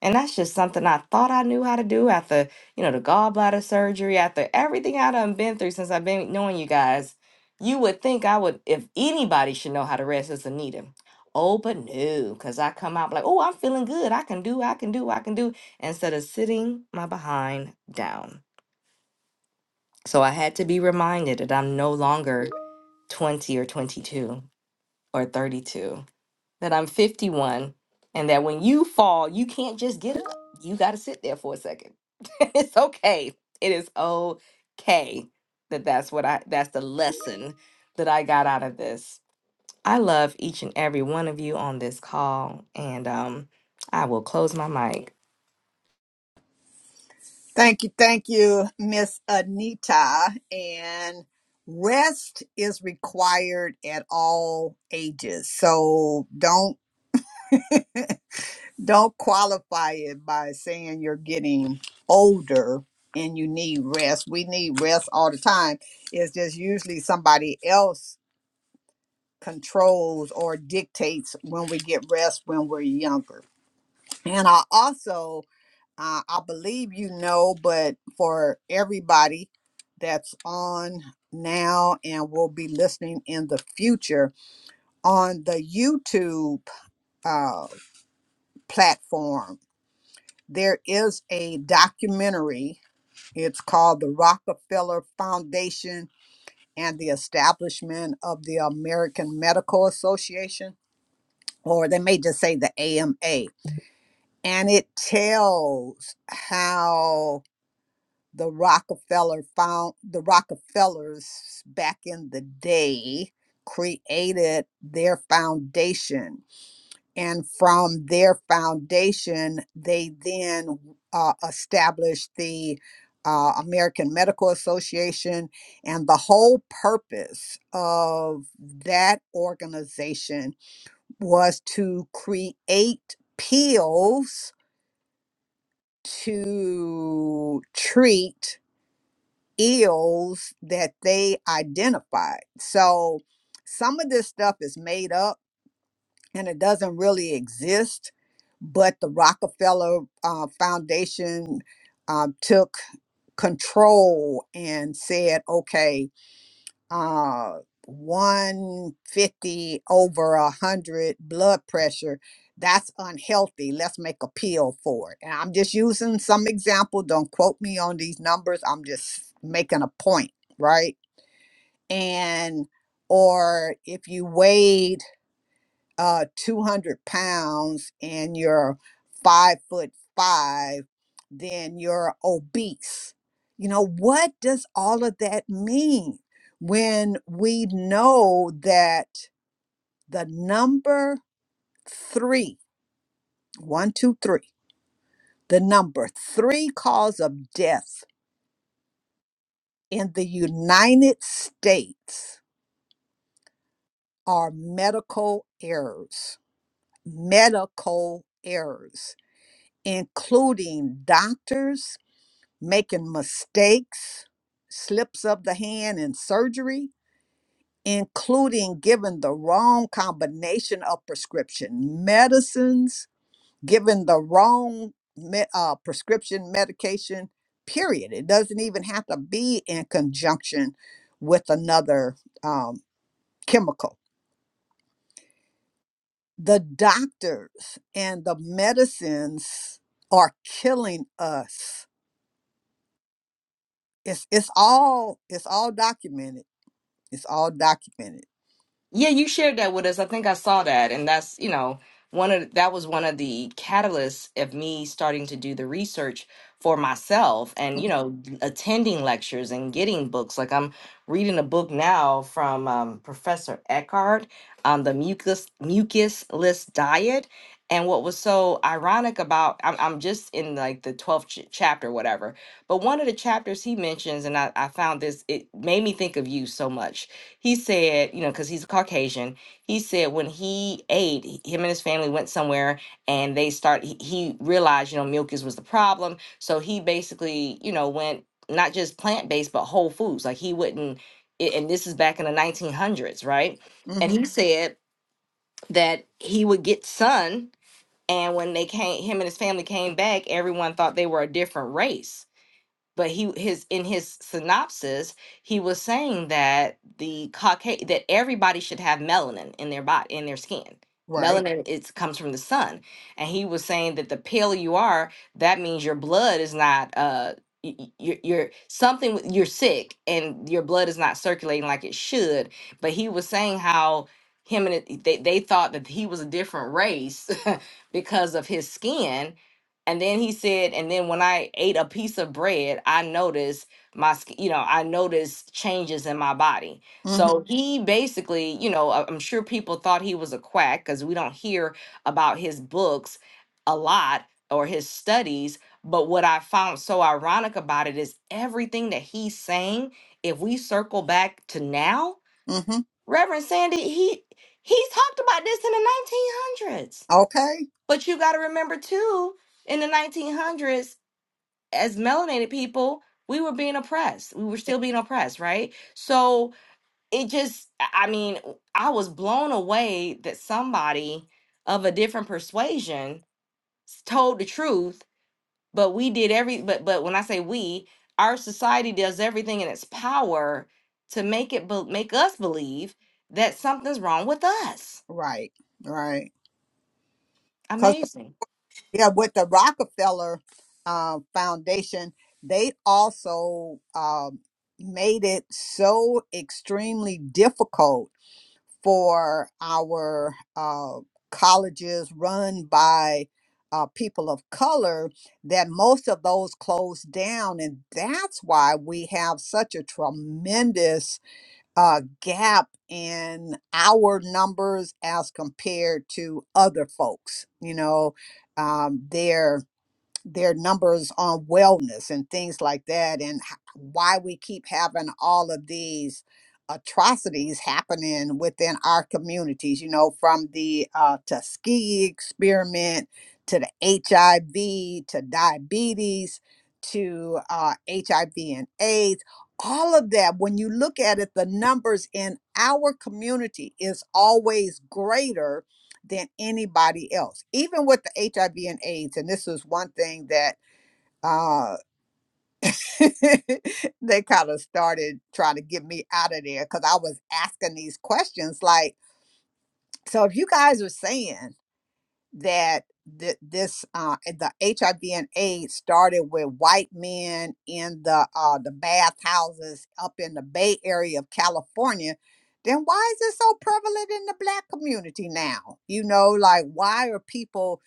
And that's just something I thought I knew how to do after, you know, the gallbladder surgery, after everything I done been through since I've been knowing you guys. You would think I would, if anybody should know how to rest, it's Anita. Oh, but no, because I come out like, oh, I'm feeling good. I can do, I can do, I can do, instead of sitting my behind down. So I had to be reminded that I'm no longer 20 or 22 or 32 that I'm 51 and that when you fall, you can't just get up. You got to sit there for a second. it's okay. It is okay that that's what I that's the lesson that I got out of this. I love each and every one of you on this call and um I will close my mic. Thank you, thank you, Miss Anita. And rest is required at all ages. So don't Don't qualify it by saying you're getting older and you need rest. We need rest all the time. It's just usually somebody else controls or dictates when we get rest when we're younger. And I also, uh, I believe you know, but for everybody that's on now and will be listening in the future on the YouTube uh, platform There is a documentary. It's called The Rockefeller Foundation and the Establishment of the American Medical Association, or they may just say the AMA. And it tells how the Rockefeller found the Rockefellers back in the day created their foundation and from their foundation, they then uh, established the uh, American Medical Association. And the whole purpose of that organization was to create pills to treat ills that they identified. So some of this stuff is made up and it doesn't really exist. But the Rockefeller uh, Foundation um, took control and said, okay, uh, 150 over 100 blood pressure, that's unhealthy. Let's make a pill for it. And I'm just using some example. Don't quote me on these numbers. I'm just making a point, right? And or if you weighed uh 200 pounds and you're five foot five then you're obese you know what does all of that mean when we know that the number three one two three the number three cause of death in the united states are medical errors medical errors including doctors making mistakes, slips of the hand in surgery, including giving the wrong combination of prescription medicines, giving the wrong me- uh, prescription medication, period. It doesn't even have to be in conjunction with another um, chemical. The doctors and the medicines are killing us. It's, it's all it's all documented. It's all documented Yeah, you shared that with us. I think I saw that, and that's, you know, one of that was one of the catalysts of me starting to do the research for myself and, Mm. you know, attending lectures and getting books. Like I'm reading a book now from um, Professor Eckhart on the mucus mucusless diet. And what was so ironic about I'm, I'm just in like the 12th ch- chapter, whatever. But one of the chapters he mentions, and I, I found this, it made me think of you so much he said, you know, because he's a Caucasian, he said when he ate, he- him and his family went somewhere and they start. He, he realized, you know, milk is was the problem, so he basically, you know, went not just plant based but whole foods. Like he wouldn't, a- and this is back in the 1900s, right? And Mm-hmm. he Mhm. said that he would get sun, and when they came, him and his family came back, everyone thought they were a different race but he his in his synopsis he was saying that the caucasian that everybody should have melanin in their body in their skin Right. melanin it comes from the sun and he was saying that the paler you are that means your blood is not uh y- y- you're, you're something with- you're sick and your blood is not circulating like it should but he was saying how him and it, they, they thought that he was a different race because of his skin and then he said, and then when I ate a piece of bread, I noticed my, sk- you know, I noticed changes in my body. Mm-hmm. So Mhm. he basically, you know, I- I'm sure people thought he was a quack because we don't hear about his books a lot or his studies. But what I found so ironic about it is everything that he's saying, if we circle back to now, Mm-hmm. Reverend Sandy, he he talked about this in the 1900s Okay. but you got to remember too, in the 1900s, as melanated people, we were being oppressed. We were eh, still being oppressed, right? So it just, I mean, I was blown away that somebody of a different persuasion s- told the truth, but we did every, but, but when I say we, our society does everything in its power to make it, be, make us believe that something's wrong with us. Right. Right. Because Amazing. yeah, with the Rockefeller uh, Foundation, they also um, made it so extremely difficult for our uh, colleges run by uh, people of color that most of those closed down. And that's why we have such a tremendous uh, gap in our numbers as compared to other folks. You know, um, they're their numbers on wellness and things like that and h- why we keep having all of these atrocities happening within our communities you know from the uh, tuskegee experiment to the hiv to diabetes to uh, hiv and aids all of that when you look at it the numbers in our community is always greater than anybody else, even with the HIV and AIDS. And this was one thing that uh, they kind of started trying to get me out of there because I was asking these questions like, so if you guys are saying that th- this uh, the HIV and AIDS started with white men in the uh, the bathhouses up in the Bay Area of California, then why is it so prevalent in the black community now? You know, like why are people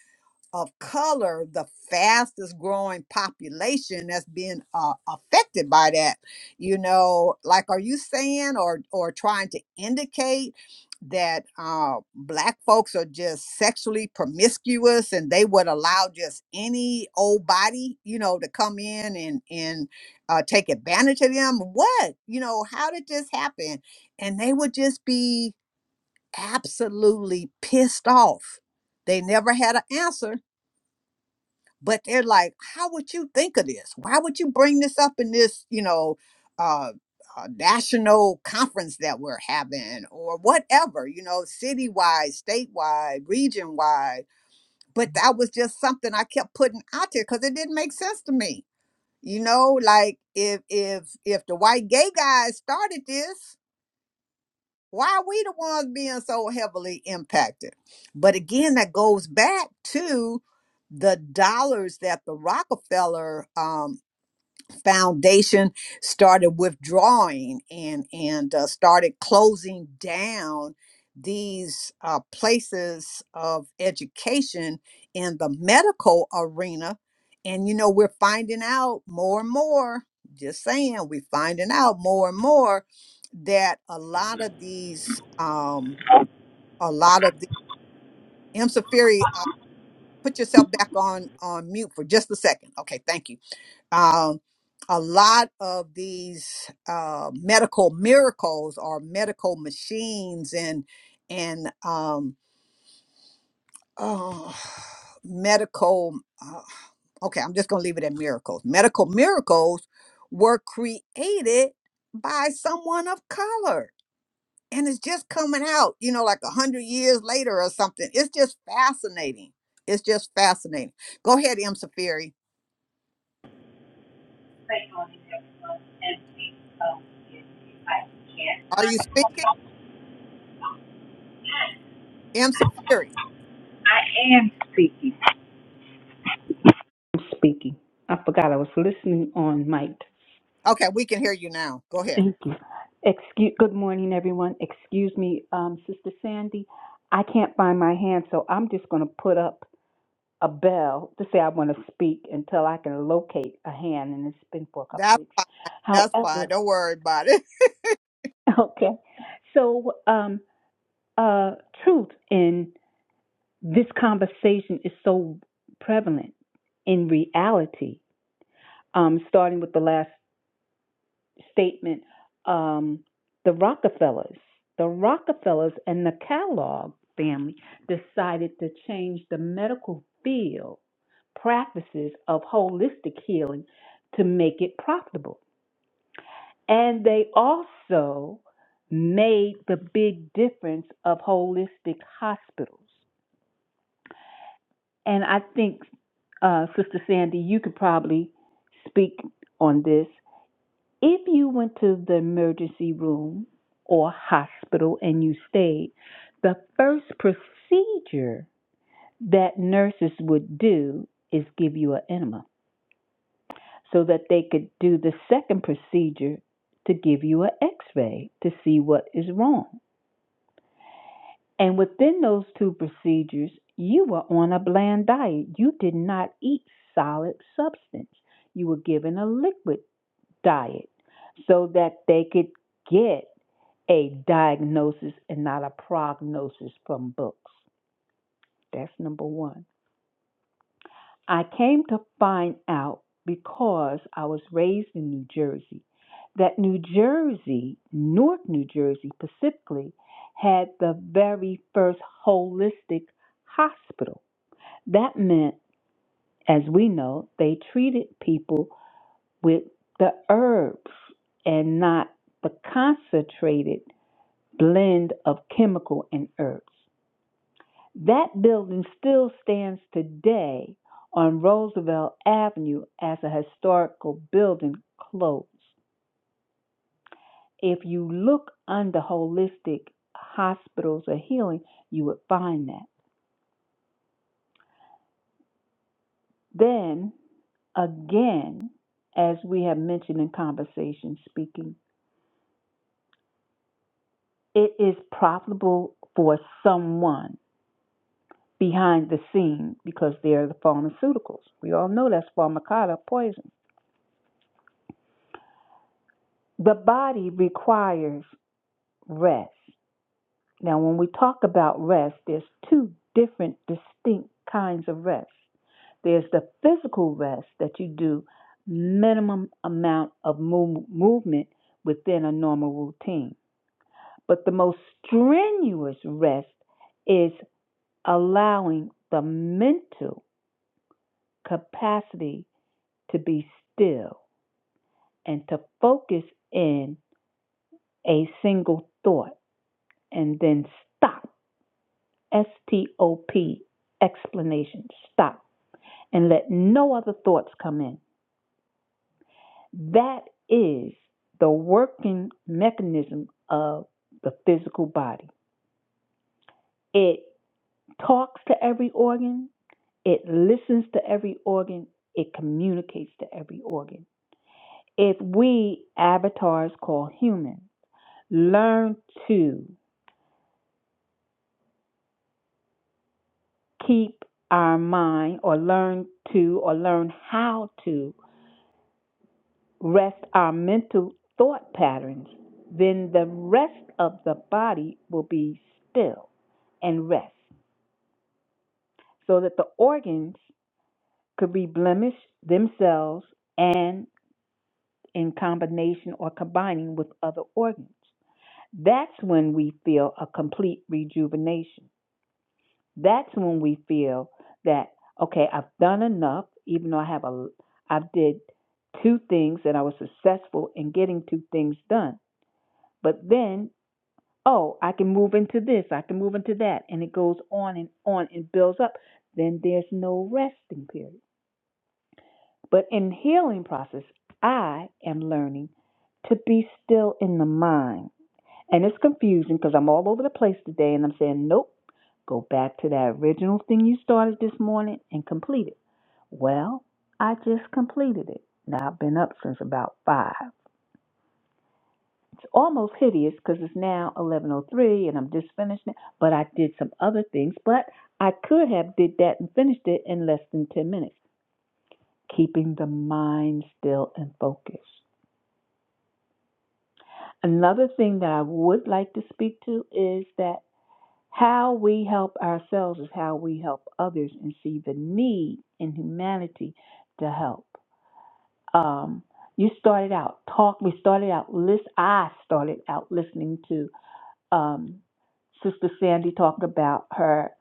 of color the fastest growing population that's being uh, affected by that you know like are you saying or or trying to indicate that uh, black folks are just sexually promiscuous and they would allow just any old body you know to come in and and uh, take advantage of them what you know how did this happen and they would just be absolutely pissed off they never had an answer but they're like how would you think of this why would you bring this up in this you know uh, uh national conference that we're having or whatever you know citywide statewide region wide but that was just something i kept putting out there because it didn't make sense to me you know like if if if the white gay guys started this why are we the ones being so heavily impacted? But again, that goes back to the dollars that the Rockefeller um, foundation started withdrawing and and uh, started closing down these uh, places of education in the medical arena and you know we're finding out more and more just saying we're finding out more and more that a lot of these um a lot of the m Safiri, uh, put yourself back on on mute for just a second okay thank you um, a lot of these uh, medical miracles or medical machines and and um, oh, medical. Uh, okay, I'm just gonna leave it at miracles. Medical miracles were created by someone of color, and it's just coming out. You know, like a hundred years later or something. It's just fascinating. It's just fascinating. Go ahead, M. Safiri. say on it every and speak. So I can't Are you speaking, M. Safiri? I am speaking. I'm speaking. I forgot I was listening on mic. Okay, we can hear you now. Go ahead. Thank you. Excuse. Good morning, everyone. Excuse me, um, Sister Sandy. I can't find my hand, so I'm just going to put up a bell to say I want to speak until I can locate a hand, and it's been for a couple of That's weeks. fine. That's fine. However, Don't worry about it. okay. So, um, uh, truth. in this conversation is so prevalent in reality. Um, starting with the last statement, um, the Rockefellers, the Rockefellers and the Kellogg family decided to change the medical field practices of holistic healing to make it profitable. And they also made the big difference of holistic hospitals. And I think, uh, Sister Sandy, you could probably speak on this. If you went to the emergency room or hospital and you stayed, the first procedure that nurses would do is give you an enema so that they could do the second procedure to give you an x ray to see what is wrong. And within those two procedures, you were on a bland diet. You did not eat solid substance. You were given a liquid diet so that they could get a diagnosis and not a prognosis from books. That's number one. I came to find out because I was raised in New Jersey that New Jersey, North New Jersey specifically, had the very first holistic hospital. That meant, as we know, they treated people with the herbs and not the concentrated blend of chemical and herbs. That building still stands today on Roosevelt Avenue as a historical building close. If you look under holistic hospitals or healing, you would find that. Then again, as we have mentioned in conversation speaking, it is profitable for someone behind the scene because they are the pharmaceuticals. We all know that's pharmacata poison. The body requires rest. Now, when we talk about rest, there's two different distinct kinds of rest. There's the physical rest that you do minimum amount of move- movement within a normal routine. But the most strenuous rest is allowing the mental capacity to be still and to focus in a single thought and then stop S-T-O-P explanation. Stop and let no other thoughts come in. That is the working mechanism of the physical body. It talks to every organ, it listens to every organ, it communicates to every organ. If we avatars call human, learn to keep our mind or learn to or learn how to rest our mental thought patterns, then the rest of the body will be still and rest so that the organs could be blemished themselves and in combination or combining with other organs. That's when we feel a complete rejuvenation. That's when we feel that okay, I've done enough, even though I have a I've did two things and I was successful in getting two things done. But then oh, I can move into this, I can move into that, and it goes on and on and builds up, then there's no resting period. But in healing process, I am learning to be still in the mind. And it's confusing because I'm all over the place today and I'm saying, nope, go back to that original thing you started this morning and complete it. Well, I just completed it. Now I've been up since about five. It's almost hideous because it's now 11:03 and I'm just finishing it. But I did some other things, but I could have did that and finished it in less than 10 minutes, keeping the mind still and focused. Another thing that I would like to speak to is that how we help ourselves is how we help others and see the need in humanity to help. Um, you started out talk. We started out list. I started out listening to um, Sister Sandy talked about her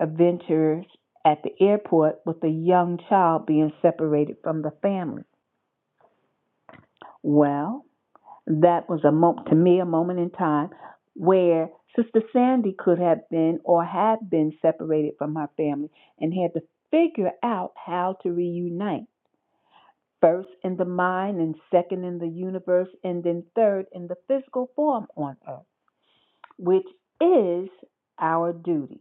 adventures at the airport with a young child being separated from the family. Well, that was a moment to me, a moment in time where Sister Sandy could have been or had been separated from her family and had to figure out how to reunite. First in the mind, and second in the universe, and then third in the physical form on earth, which is our duty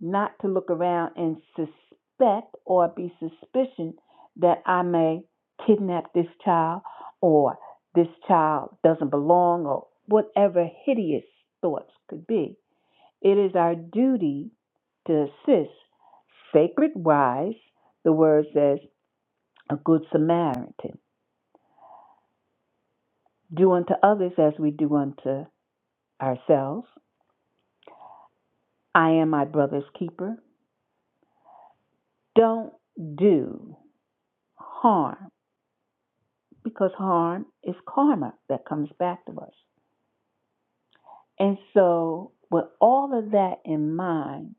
not to look around and suspect or be suspicion that I may kidnap this child or this child doesn't belong or whatever hideous thoughts could be. It is our duty to assist sacred wise, the word says, a good Samaritan. Do unto others as we do unto ourselves. I am my brother's keeper. Don't do harm because harm is karma that comes back to us. And so, with all of that in mind,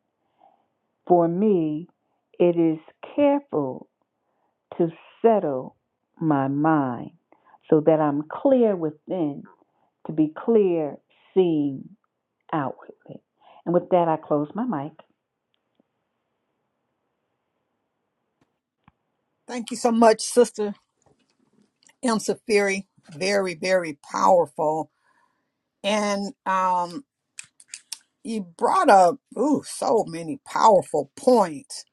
for me, it is careful to settle my mind so that I'm clear within to be clear seen outwardly. And with that, I close my mic. Thank you so much, Sister M. Safiri. Very, very powerful. And um, you brought up ooh, so many powerful points.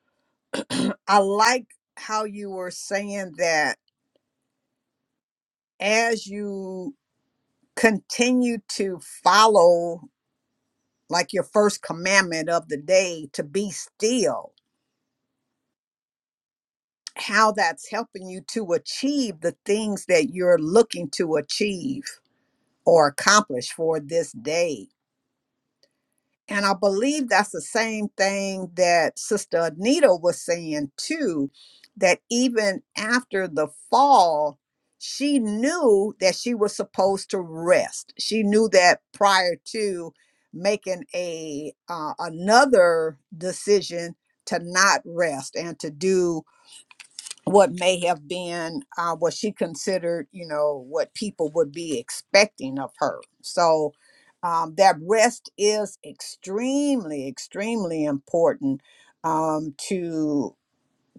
I like how you were saying that as you continue to follow like your first commandment of the day to be still how that's helping you to achieve the things that you're looking to achieve or accomplish for this day. And I believe that's the same thing that Sister Anita was saying too, that even after the fall, she knew that she was supposed to rest. She knew that prior to making a uh, another decision to not rest and to do what may have been uh, what she considered, you know, what people would be expecting of her. So um, that rest is extremely, extremely important um, to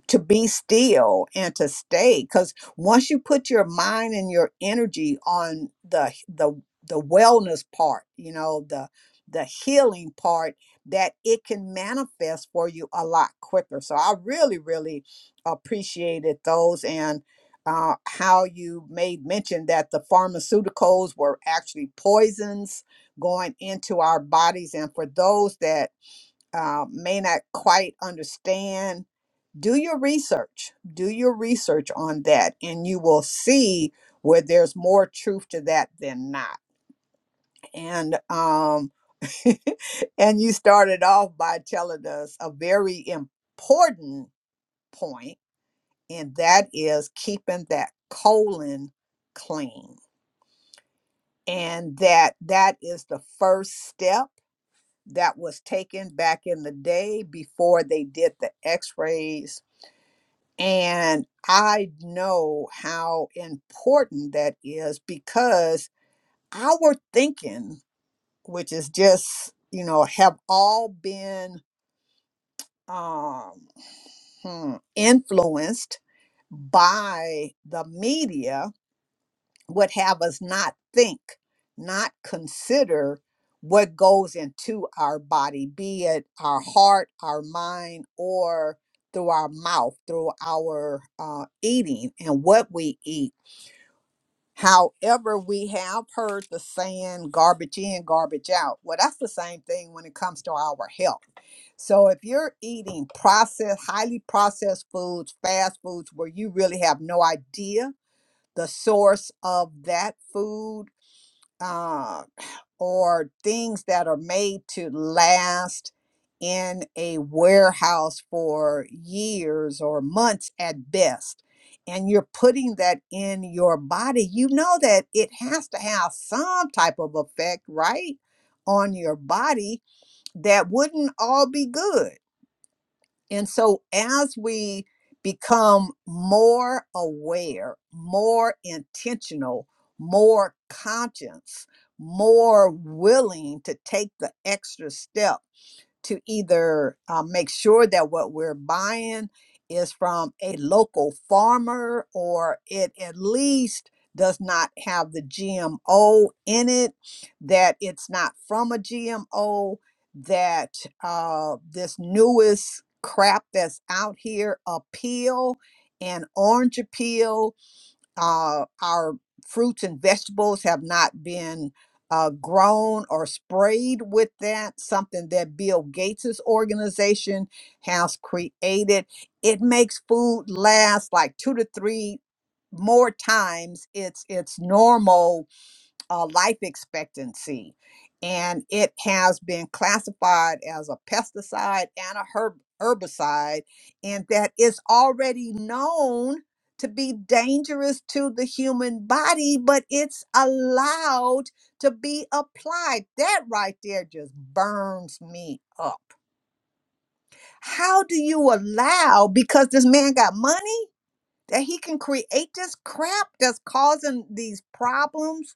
to be still and to stay because once you put your mind and your energy on the h- the the wellness part you know the the healing part that it can manifest for you a lot quicker so i really really appreciated those and uh, how you made mention that the pharmaceuticals were actually poisons going into our bodies and for those that uh, may not quite understand do your research do your research on that and you will see where there's more truth to that than not and um and you started off by telling us a very important point and that is keeping that colon clean and that that is the first step that was taken back in the day before they did the x-rays And I know how important that is because our thinking, which is just, you know, have all been um, hmm, influenced by the media, would have us not think, not consider what goes into our body, be it our heart, our mind, or through our mouth, through our uh, eating and what we eat However, we have heard the saying garbage in, garbage out. Well, that's the same thing when it comes to our health. So if you're eating processed, highly processed foods, fast foods, where you really have no idea the source of that food, uh, or things that are made to last in a warehouse for years or months at best and you're putting that in your body you know that it has to have some type of effect right on your body that wouldn't all be good and so, as we become more aware, more intentional, more conscious, more willing to take the extra step to either uh, make sure that what we're buying is from a local farmer or it at least does not have the GMO in it, that it's not from a GMO, that uh, this newest crap that's out here, appeal and orange appeal uh, our fruits and vegetables have not been uh, grown or sprayed with that, something that Bill Gates' organization has created. It makes food last like two to three more times its its normal uh, life expectancy. And it has been classified as a pesticide and a herb- herbicide, and that is already known to be dangerous to the human body, but it's allowed to be applied. That right there just burns me up. How do you allow, because this man got money, that he can create this crap that's causing these problems?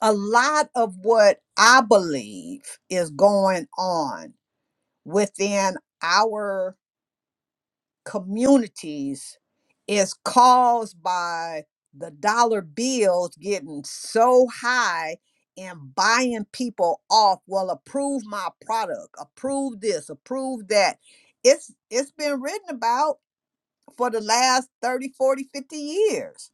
a lot of what I believe is going on within our communities is caused by the dollar bills getting so high and buying people off. Well, approve my product, approve this, approve that. It's it's been written about for the last 30, 40, 50 years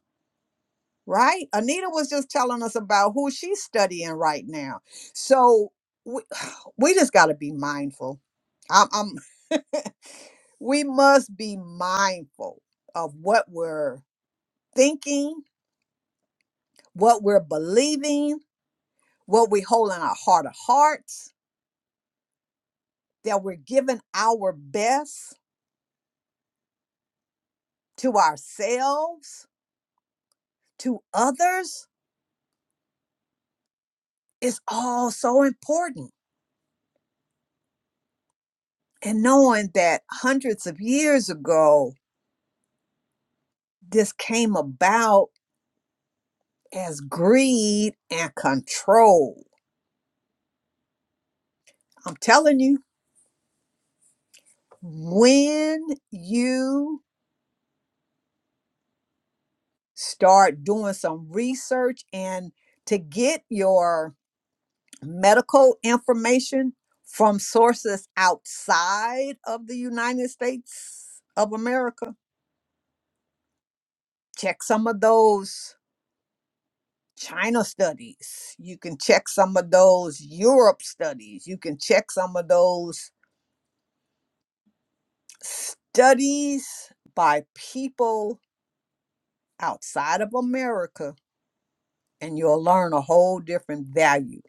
right? Anita was just telling us about who she's studying right now. So we, we just got to be mindful. I'm, I'm, we must be mindful of what we're thinking, what we're believing, what we hold in our heart of hearts, that we're giving our best to ourselves, to others. It's all so important. And knowing that hundreds of years ago, this came about as greed and control. I'm telling you, when you start doing some research and to get your medical information from sources outside of the United States of America, check some of those China studies. You can check some of those Europe studies. You can check some of those studies by people outside of America and you'll learn a whole different value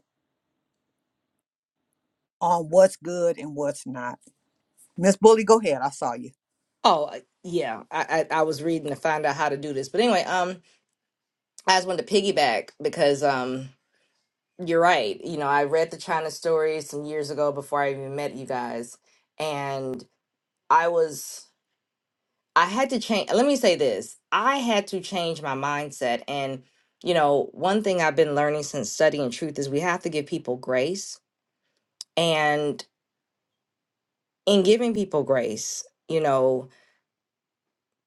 on what's good and what's not. Miss Bully, go ahead. I saw you. Oh, I- yeah. I, I I was reading to find out how to do this, but anyway, um, I just wanted to piggyback because um, you're right. You know, I read the China story some years ago before I even met you guys, and I was I had to change. Let me say this: I had to change my mindset, and you know, one thing I've been learning since studying truth is we have to give people grace, and in giving people grace, you know.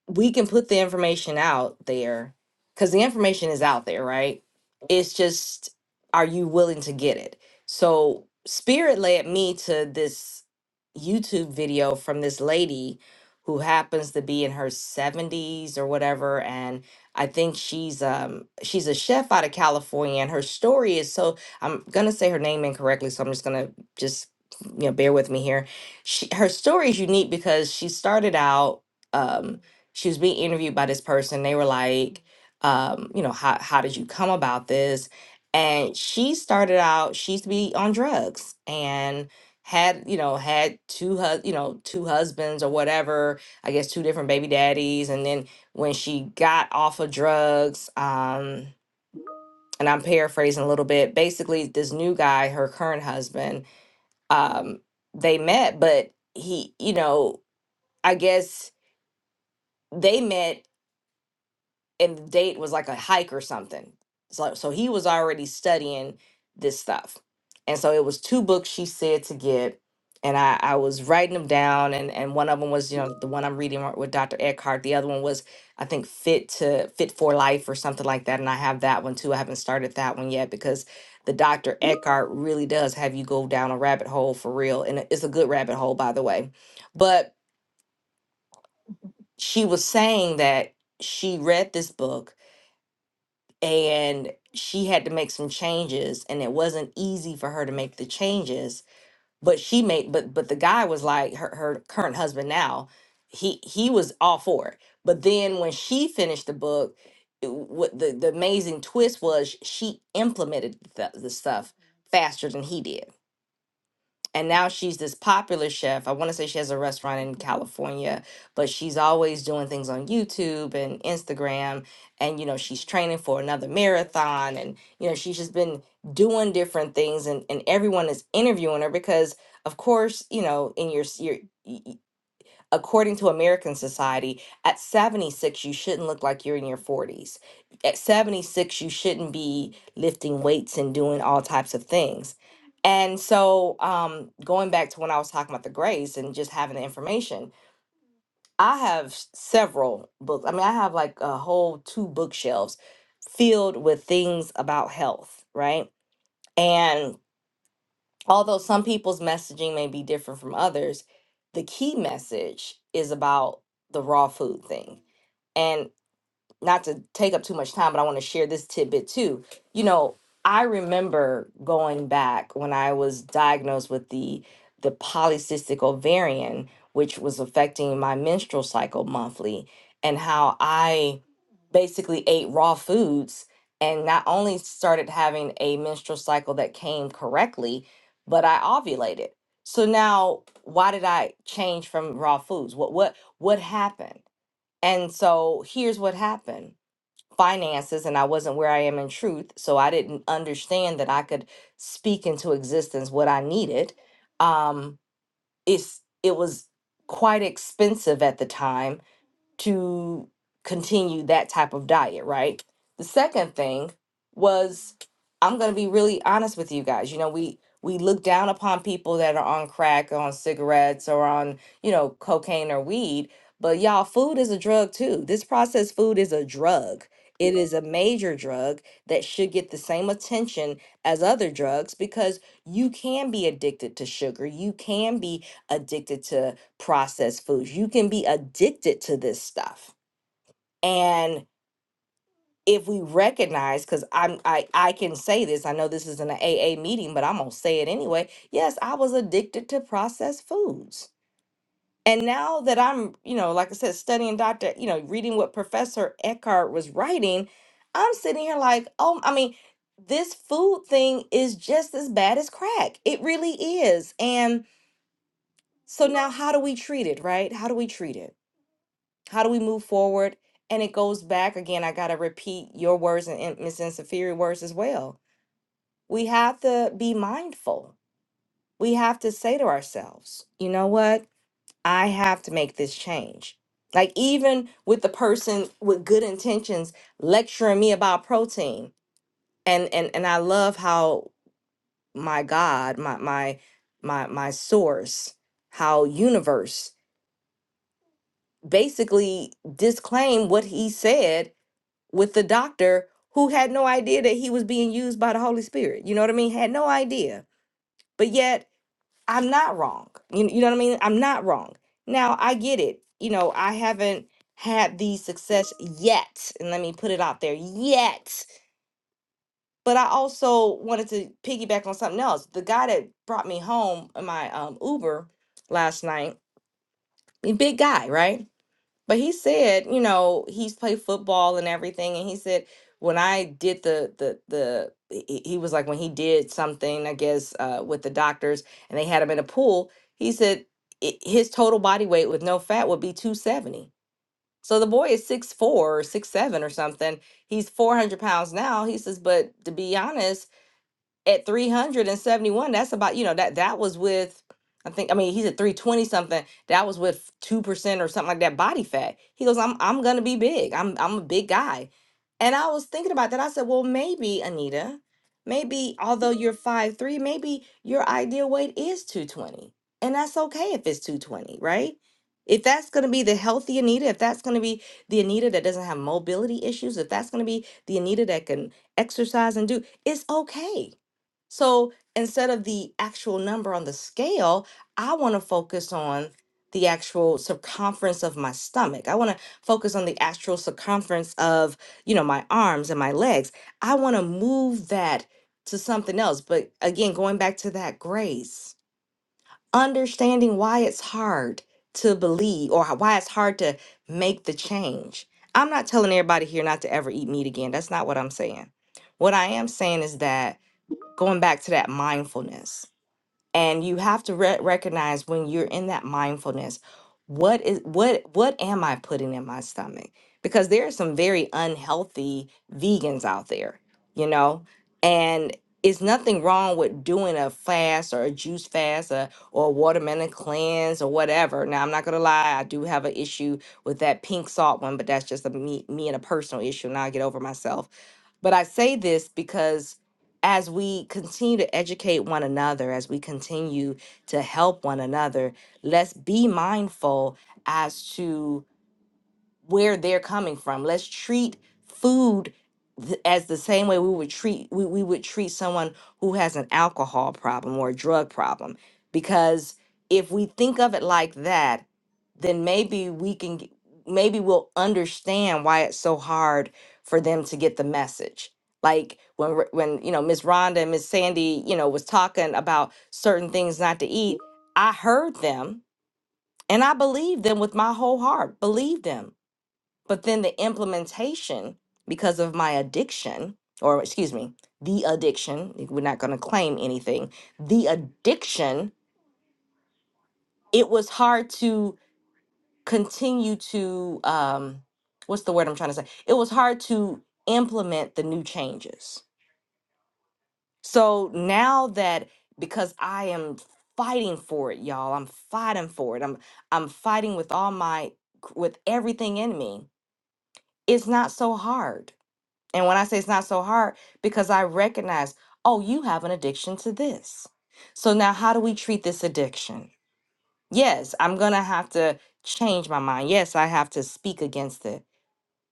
we can put the information out there because the information is out there, right? It's just, are you willing to get it? So, Spirit led me to this YouTube video from this lady who happens to be in her 70s or whatever and I think she's um she's a chef out of California and her story is so I'm going to say her name incorrectly so I'm just going to just you know bear with me here. She, her story is unique because she started out um she was being interviewed by this person. They were like, um, you know, how how did you come about this? And she started out, she used to be on drugs and had, you know, had two hus you know, two husbands or whatever, I guess two different baby daddies. And then when she got off of drugs, um, and I'm paraphrasing a little bit, basically this new guy, her current husband, um, they met, but he, you know, I guess they met and the date was like a hike or something. So so he was already studying this stuff. And so it was two books she said to get. And I, I was writing them down and, and one of them was, you know, the one I'm reading with Dr. Eckhart. The other one was, I think, Fit to Fit for Life or something like that. And I have that one too. I haven't started that one yet because the Dr. Eckhart really does have you go down a rabbit hole for real. And it- it's a good rabbit hole, by the way. But she was saying that she read this book and she had to make some changes and it wasn't easy for her to make the changes but she made but but the guy was like her, her current husband now he he was all for it but then when she finished the book it- what the, the amazing twist was she implemented the, the stuff faster than he did and now she's this popular chef. I want to say she has a restaurant in California, but she's always doing things on YouTube and Instagram. And, you know, she's training for another marathon. And, you know, she's just been doing different things. And, and everyone is interviewing her because, of course, you know, in your, s- your, y- y- according to American society, at 76, you shouldn't look like you're in your 40s. At 76, you shouldn't be lifting weights and doing all types of things. And so, um, going back to when I was talking about the grace and just having the information, I have s- several books. I mean, I have like a whole two bookshelves filled with things about health, right? And although some people's messaging may be different from others, the key message is about the raw food thing. and not to take up too much time, but I want to share this tidbit too. You know, I remember going back when I was diagnosed with the the polycystic ovarian, which was affecting my menstrual cycle monthly, and how I basically ate raw foods and not only started having a menstrual cycle that came correctly, but I ovulated. So now why did I change from raw foods? What what what happened? And so here's what happened finances and I wasn't where I am in truth. So I didn't understand that I could speak into existence what I needed. Um, it's it was quite expensive at the time to continue that type of diet, right? The second thing was I'm going to be really honest with you guys. You know, we we look down upon people that are on crack, on cigarettes or on, you know, cocaine or weed, but y'all food is a drug too. This processed food is a drug. It is a major drug that should get the same attention as other drugs because you can be addicted to sugar. You can be addicted to processed foods. You can be addicted to this stuff. And if we recognize, because I'm I, I can say this, I know this isn't a AA meeting, but I'm gonna say it anyway. Yes, I was addicted to processed foods. And now that I'm, you know, like I said, studying Dr. you know, reading what Professor Eckhart was writing, I'm sitting here like, oh, I mean, this food thing is just as bad as crack. It really is. And so now how do we treat it, right? How do we treat it? How do we move forward? And it goes back again. I got to repeat your words and and Ms. Insafiri words as well. We have to be mindful. We have to say to ourselves, you know what? I have to make this change. Like, even with the person with good intentions lecturing me about protein. And, and, and I love how my God, my, my, my, my source, how universe basically disclaimed what he said with the doctor who had no idea that he was being used by the Holy Spirit. You know what I mean? Had no idea. But yet, I'm not wrong. You, you know what I mean? I'm not wrong. Now, I get it. You know, I haven't had the success yet. And let me put it out there yet. But I also wanted to piggyback on something else. The guy that brought me home in my um, Uber last night, a big guy, right? But he said, you know, he's played football and everything, and he said when I did the the the he he- was like when he did something, I guess, uh, with the doctors, and they had him in a pool. He said i his total body weight with no fat would be two seventy. So the boy is six four or six seven or something. He's four hundred pounds now. He says, but to be honest at 371 that's about you know that that was with i think i mean he's at 320 something that was with 2% or something like that body fat he goes i'm i'm gonna be big i'm i'm a big guy and i was thinking about that i said well maybe anita maybe although you're five three, maybe your ideal weight is 220 and that's okay if it's 220 right if that's going to be the healthy Anita, if that's going to be the Anita that doesn't have mobility issues, if that's going to be the Anita that can exercise and do, it's okay so instead of the actual number on the scale, I want to focus on the actual circumference of my stomach. I want to focus on the actual circumference of, you know, my arms and my legs. I want to move that to something else. But again, going back to that grace, understanding why it's hard to believe or why it's hard to make the change. I'm not telling everybody here not to ever eat meat again. That's not what I'm saying. What I am saying is that going back to that mindfulness and you have to re- recognize when you're in that mindfulness what is what what am i putting in my stomach because there are some very unhealthy vegans out there you know and it's nothing wrong with doing a fast or a juice fast or, or a watermelon cleanse or whatever now i'm not gonna lie i do have an issue with that pink salt one but that's just a me, me and a personal issue Now, i get over myself but i say this because as we continue to educate one another, as we continue to help one another, let's be mindful as to where they're coming from. Let's treat food th- as the same way we would treat we, we would treat someone who has an alcohol problem or a drug problem because if we think of it like that then maybe we can g- maybe we'll understand why it's so hard for them to get the message like when R- when you know Miss Rhonda and Miss Sandy you know was talking about certain things not to eat I heard them and I believed them with my whole heart believed them but then the implementation, because of my addiction, or excuse me, the addiction, we're not going to claim anything, the addiction, it was hard to continue to, um, what's the word I'm trying to say? It was hard to implement the new changes. So now that because I am fighting for it, y'all, I'm fighting for it. I'm I'm fighting with all my with everything in me. It's not so hard And when I say it's not so hard, because I recognize, oh, you have an addiction to this. So now how do we treat this addiction? Yes, I'm going to have to change my mind. Yes, I have to speak against it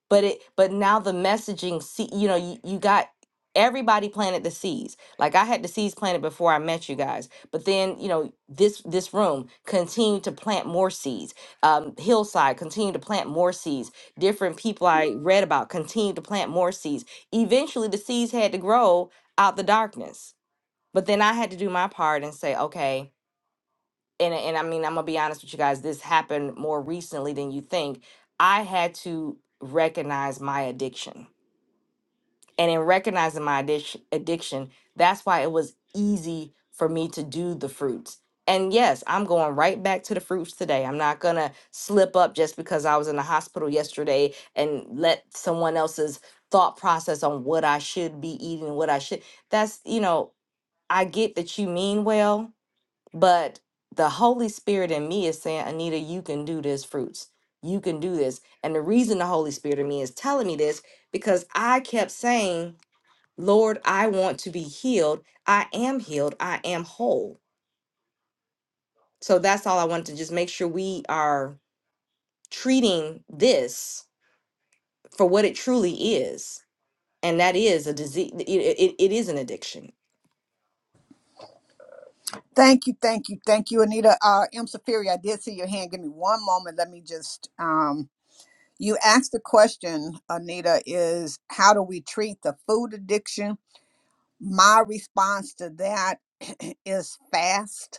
but it but now the messaging see you know you, you got everybody planted the seeds like i had the seeds planted before i met you guys but then you know this this room continued to plant more seeds um, hillside continued to plant more seeds different people i read about continued to plant more seeds eventually the seeds had to grow out the darkness but then i had to do my part and say okay and and I mean, I'm gonna be honest with you guys, this happened more recently than you think. I had to recognize my addiction. And in recognizing my addiction, addiction, that's why it was easy for me to do the fruits. And yes, I'm going right back to the fruits today. I'm not gonna slip up just because I was in the hospital yesterday and let someone else's thought process on what I should be eating, what I should. That's, you know, I get that you mean well, but the Holy Spirit in me is saying, Anita, you can do this, fruits. You can do this. And the reason the Holy Spirit in me is telling me this, because I kept saying, Lord, I want to be healed. I am healed. I am whole. So that's all I wanted to just make sure we are treating this for what it truly is. And that is a disease, it, it it is an addiction Thank you, thank you, thank you, Anita. Uh, M. Safiri, I did see your hand. Give me one moment. Let me just. Um, you asked the question, Anita, is how do we treat the food addiction? My response to that is fast.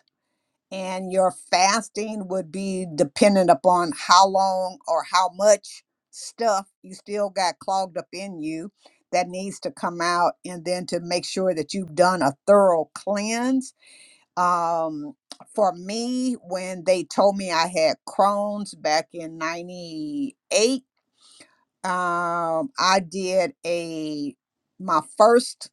and your fasting would be dependent upon how long or how much stuff you still got clogged up in you that needs to come out and then to make sure that you've done a thorough cleanse um, for me when they told me i had crohn's back in 98 um, i did a my first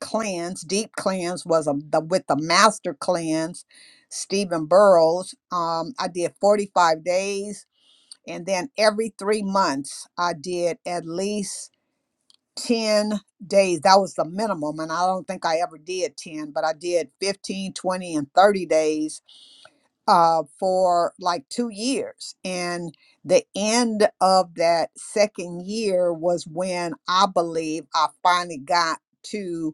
cleanse, deep cleanse was a, the, with the master cleanse, Stephen Burrows. Um, I did 45 days, and then every three months I did at least 10 days. That was the minimum, and I don't think I ever did 10, but I did 15, 20, and 30 days uh, for like two years. And the end of that second year was when I believe I finally got to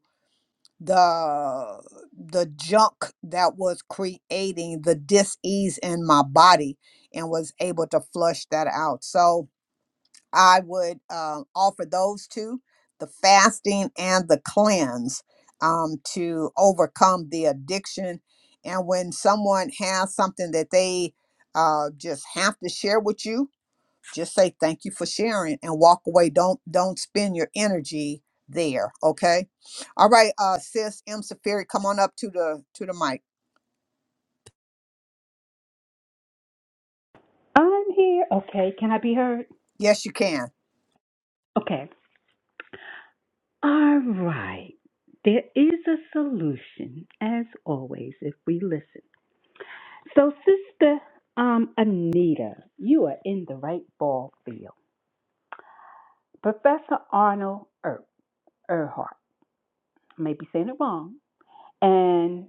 the the junk that was creating the dis-ease in my body and was able to flush that out so i would uh, offer those two the fasting and the cleanse um, to overcome the addiction and when someone has something that they uh, just have to share with you just say thank you for sharing and walk away don't don't spend your energy there okay all right uh sis m safiri come on up to the to the mic I'm here. Okay, can I be heard? yes you can Okay. All right. There is a solution, as always, if we listen. So, Sister um, Anita, you are in the right ball field. Professor Arnold er- Erhart, I may be saying it wrong, and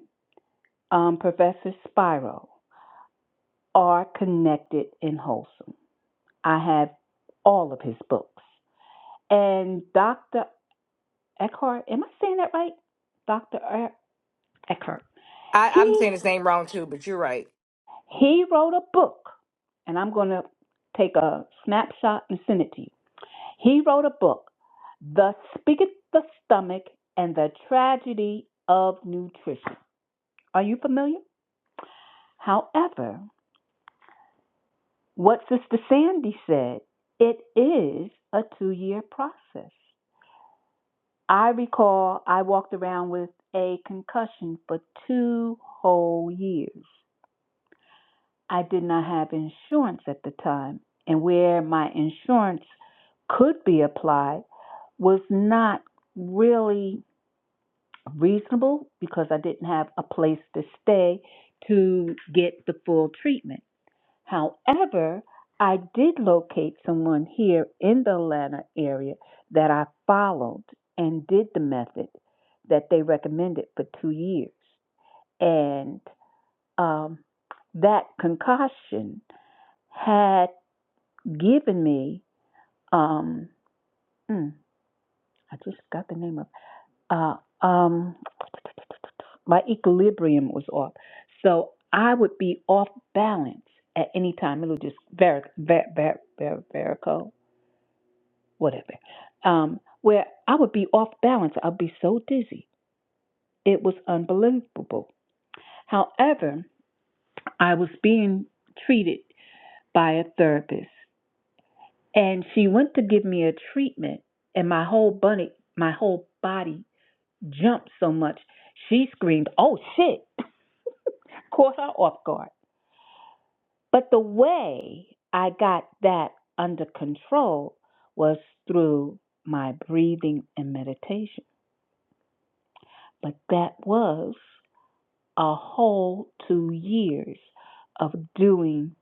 um, Professor Spiro are connected in Wholesome. I have all of his books. And Dr. Eckhart, am I saying that right? Dr. Er- Eckhart. I, I'm He, saying his name wrong too, but you're right. he wrote a book, and I'm going to take a snapshot and send it to you He wrote a book, Thus Speaketh the Stomach and the Tragedy of Nutrition. Are you familiar? However, what Sister Sandy said, it is a two year process. I recall I walked around with a concussion for two whole years. I did not have insurance at the time, and where my insurance could be applied was not really reasonable because I didn't have a place to stay to get the full treatment. However, I did locate someone here in the Atlanta area that I followed and did the method that they recommended for two years. And um, that concoction had given me, um, mm, I just got the name of, uh, um, my equilibrium was off. So I would be off balance at any time. It was just var var var var varico, whatever. Um, where I would be off balance. I'd be so dizzy. It was unbelievable. However, I was being treated by a therapist, and she went to give me a treatment, and my whole bunny, my whole body jumped so much. She screamed, "Oh shit!" Caught her off guard But the way I got that under control was through my breathing and meditation. But that was a whole two years of doing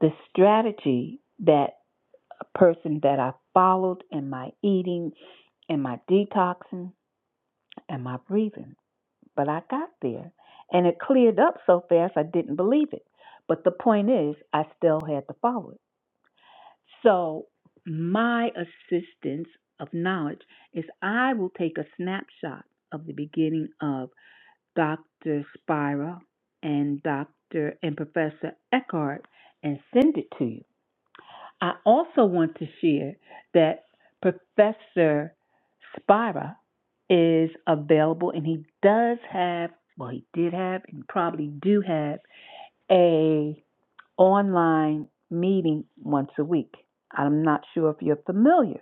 the strategy that a person that I followed in my eating and my detoxing and my breathing. But I got there and it cleared up so fast I didn't believe it. But the point is, I still had to follow it. So, my assistance of knowledge is I will take a snapshot of the beginning of Dr. Spira and Dr. and Professor Eckhart and send it to you. I also want to share that Professor Spira is available and he does have, well, he did have and probably do have a online meeting once a week. I'm not sure if you're familiar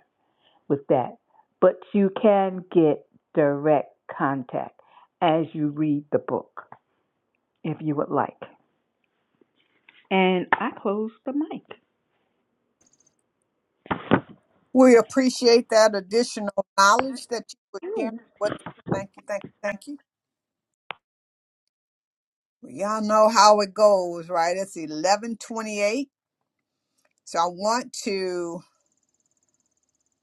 with that, but you can get direct contact as you read the book if you would like. And I close the mic. we appreciate that additional knowledge that you were sharing Ooh, with us. thank you thank you thank you Well, y'all know how it goes right it's 1128 so i want to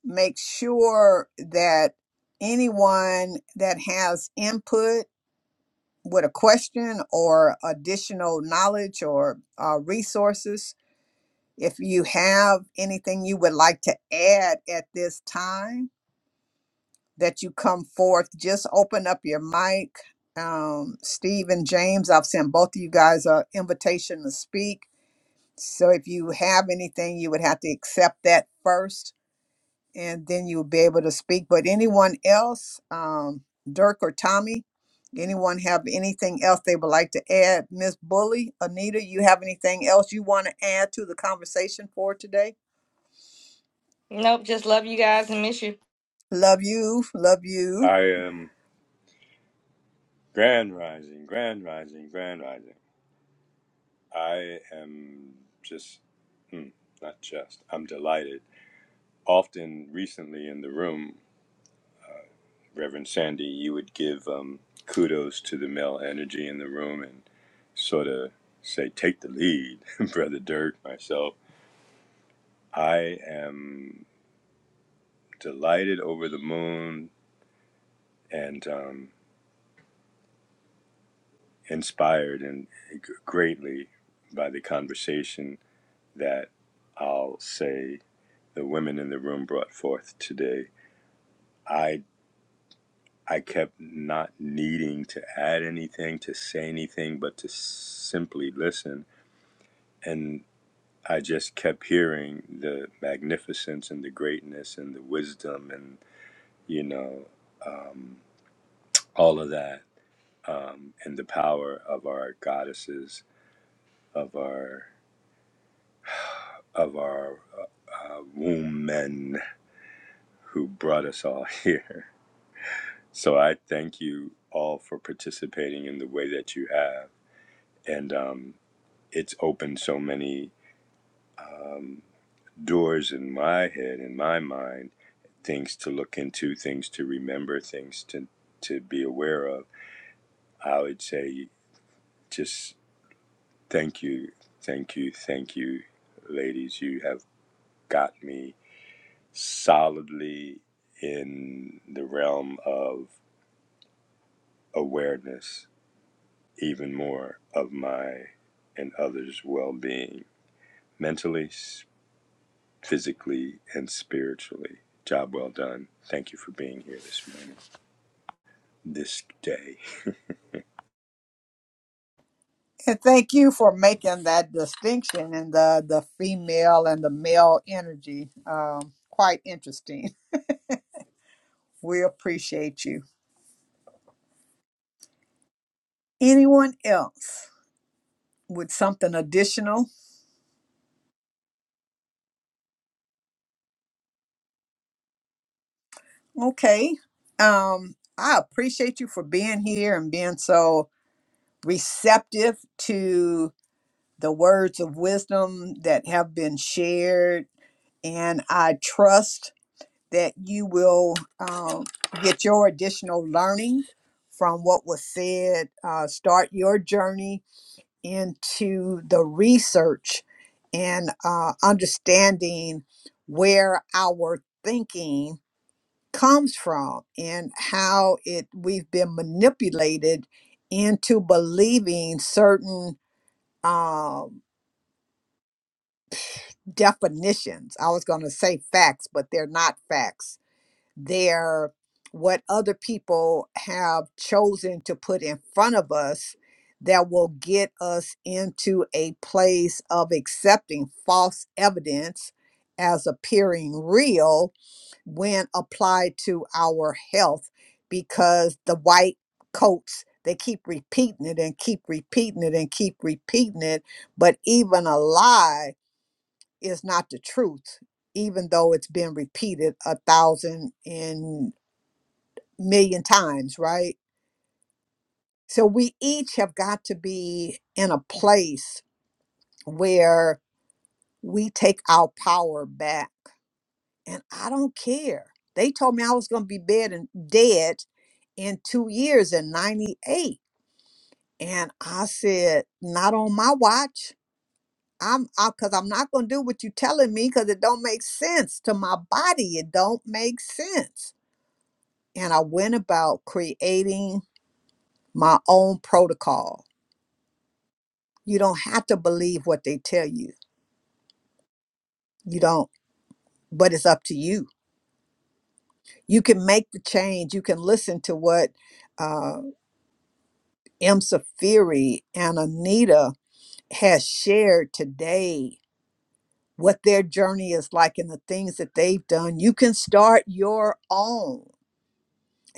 make sure that anyone that has input with a question or additional knowledge or uh, resources. If you have anything you would like to add at this time that you come forth, just open up your mic. Um, Steve and James, I've sent both of you guys an invitation to speak. So if you have anything, you would have to accept that first and then you'll be able to speak. But anyone else, um, Dirk or Tommy, anyone have anything else they would like to add? Miss Bully, Anita, you have anything else you want to add to the conversation for today? Nope, just love you guys and miss you. Love you, love you. I am grand rising, grand rising, grand rising. I am just, hmm, not just, I'm delighted. Often recently in the room, Reverend Sandy, you would give um, kudos to the male energy in the room. and. sort of say, take the lead, Brother Dirk, myself. I am delighted over the moon and um, inspired and greatly by the conversation that I'll say the women in the room brought forth today. I I kept not needing to add anything, to say anything, but to simply listen. And I just kept hearing the magnificence and the greatness and the wisdom and you know, um, all of that, um, and the power of our goddesses, of our of our uh, womb men who brought us all here. So I thank you all for participating in the way that you have, and um, it's opened so many um, doors in my head, in my mind, things to look into, things to remember, things to to be aware of. I would say just Thank you, thank you, thank you, ladies. You have got me solidly in the realm of awareness, even more of my and others' well being, mentally, s- physically, and spiritually. Job well done. Thank you for being here this morning, this day. And thank you for making that distinction in the, the female and the male energy. Um, quite interesting. We appreciate you. Anyone else with something additional? Okay. Um, I appreciate you for being here and being so receptive to the words of wisdom that have been shared. And I trust that you will um, get your additional learning from what was said. Uh, start your journey into the research and uh, understanding where our thinking comes from and how it we've been manipulated into believing certain um, definitions. I was going to say facts, but they're not facts. They're what other people have chosen to put in front of us that will get us into a place of accepting false evidence as appearing real when applied to our health because the white coats they keep repeating it and keep repeating it and keep repeating it but even a lie is not the truth even though it's been repeated a thousand and million times right so we each have got to be in a place where we take our power back and i don't care they told me i was going to be bed and dead in two years in 98 and i said not on my watch i'm because i'm not going to do what you're telling me because it don't make sense to my body it don't make sense and i went about creating my own protocol you don't have to believe what they tell you you don't but it's up to you you can make the change you can listen to what uh, m safiri and anita has shared today what their journey is like and the things that they've done, you can start your own.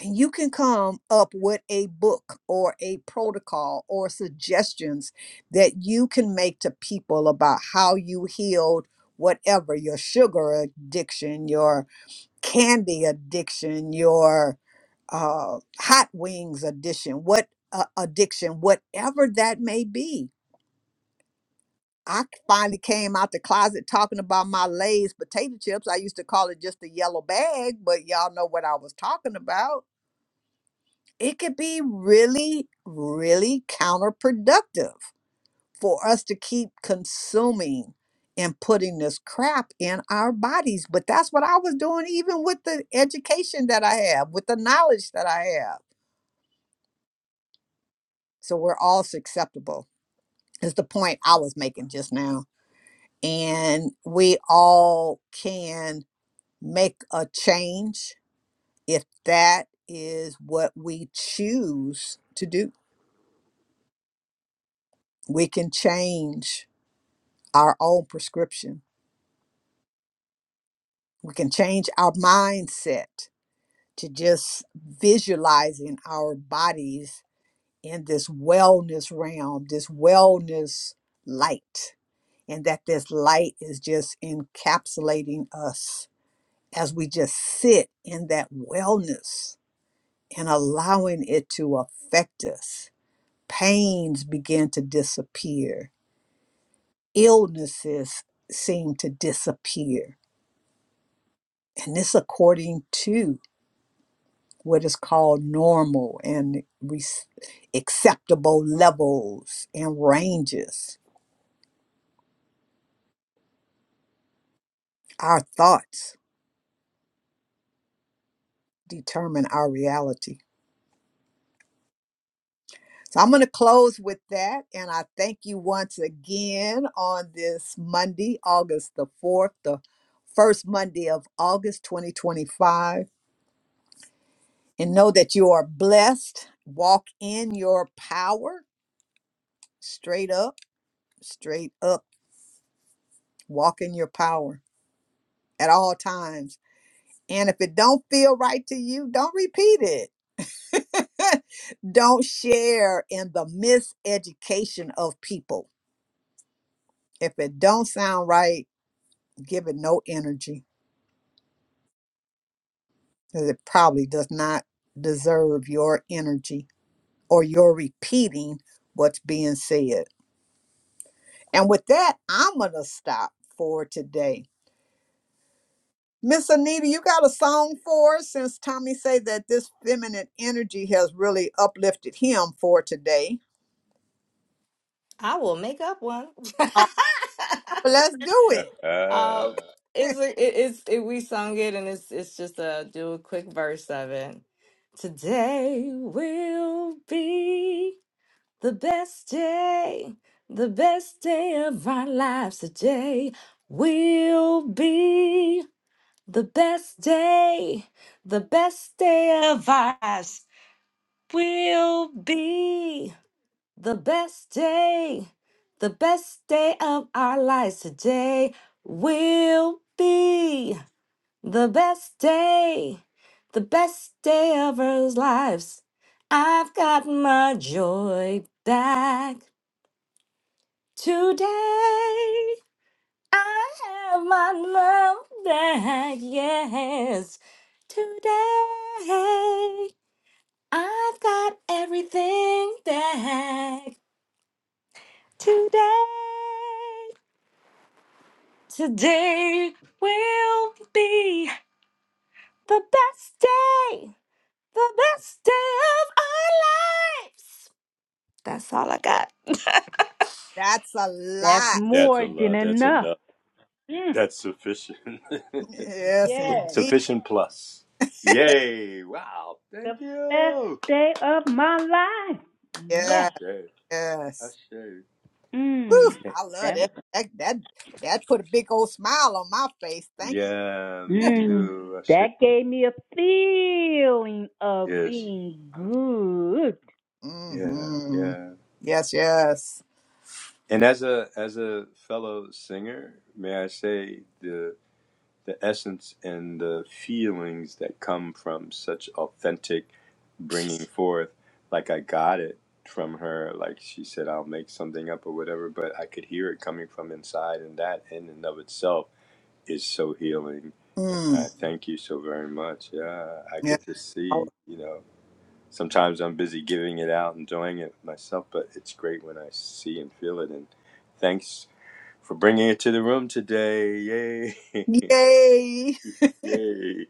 And you can come up with a book or a protocol or suggestions that you can make to people about how you healed whatever your sugar addiction, your candy addiction, your uh, hot wings addiction, what uh, addiction, whatever that may be I finally came out the closet talking about my Lay's potato chips. I used to call it just a yellow bag, but y'all know what I was talking about. It could be really, really counterproductive for us to keep consuming and putting this crap in our bodies. But that's what I was doing, even with the education that I have, with the knowledge that I have. So we're all susceptible, is the point I was making just now. And we all can make a change if that is what we choose to do. We can change our own prescription. We can change our mindset to just visualizing our bodies in this wellness realm, this wellness light, and that this light is just encapsulating us as we just sit in that wellness and allowing it to affect us Pains began to disappear. Illnesses seemed to disappear. And this, according to what is called normal and re- acceptable levels and ranges. Our thoughts determine our reality. So I'm going to close with that. And I thank you once again on this Monday, August the 4th, the first Monday of August 2025. and know that you are blessed. Walk in your power straight up, straight up. Walk in your power at all times. And if it don't feel right to you, don't repeat it. don't share in the miseducation of people. If it don't sound right, give it no energy because it probably does not deserve your energy or your repeating what's being said. And with that, I'm going to stop for today. Miss Anita, you got a song for us since Tommy say that this feminine energy has really uplifted him for today. I will make up one. All right, well, let's do it. um, it's a- it, it's it, we sung it, and it's it's just a do a quick verse of it. Today will be. The best day, the best day of our lives today will be the best day, the best day of our lives will be the best day, the best day of our lives today will be the best day, the best day of our lives. I've got my joy back. Today I have my love back, yes. Today I've got everything back. Today, today will be the best day, the best day of our lives. That's all I got. That's a That's lot. that's a more than lot. That's enough. enough. Mm, That's sufficient. Yes, Yes. indeed. Sufficient plus. Yay! Wow! the Thank best you. day of my life. Yes. Yes. Ashe. yes. Ashe. Mm, Whew, I love that that. was That that that put a big old smile on my face. Thank you. Yeah, me Mm, too. Ashe. that gave me a feeling of Yes. being good. Yeah, hmm yeah. Yes, yes. And as a as a fellow singer, may I say the the essence and the feelings that come from such authentic bringing forth, like I got it from her, like she said, I'll make something up or whatever, but I could hear it coming from inside, and that in and of itself is so healing. Mm. I thank you so very much. Yeah, I Yeah. get to see, you know, sometimes I'm busy giving it out, enjoying it myself, but it's great when I see and feel it. And thanks for bringing it to the room today. Yay. Yay. Yay.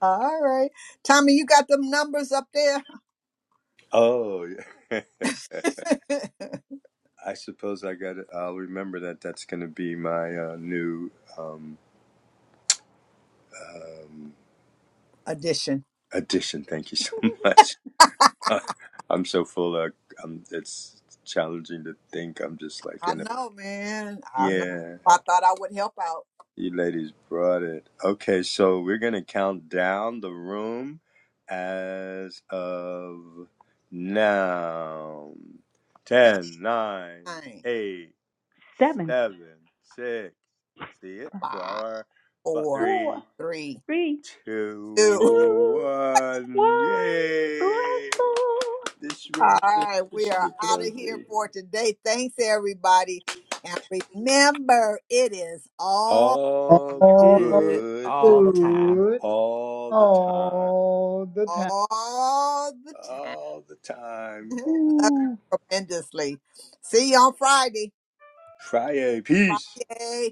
All right. Tommy, you got them numbers up there? Oh, I suppose I got to I'll remember that that's going to be my uh, new um, um, Addition. addition. Thank you so much. I'm so full of, um, it's challenging to think. I'm just like I in a know, man. I know. Yeah, I thought I would help out. you ladies brought it. Okay, so we're gonna count down the room as of now. Ten, Ten, nine, nine, eight, Seven, seven, six. See it? five, Four, five, four, four, three, three, three, two. two, two, one. one. Yay! Bless all. This room All is right, we are officially out of here closing. for today. Thanks, everybody. And remember, it is all, All All Good good, all the time. good, all the time. all the time. all the time. all the time. Love Woo. you tremendously. See you on Friday. Friday, peace. Friday.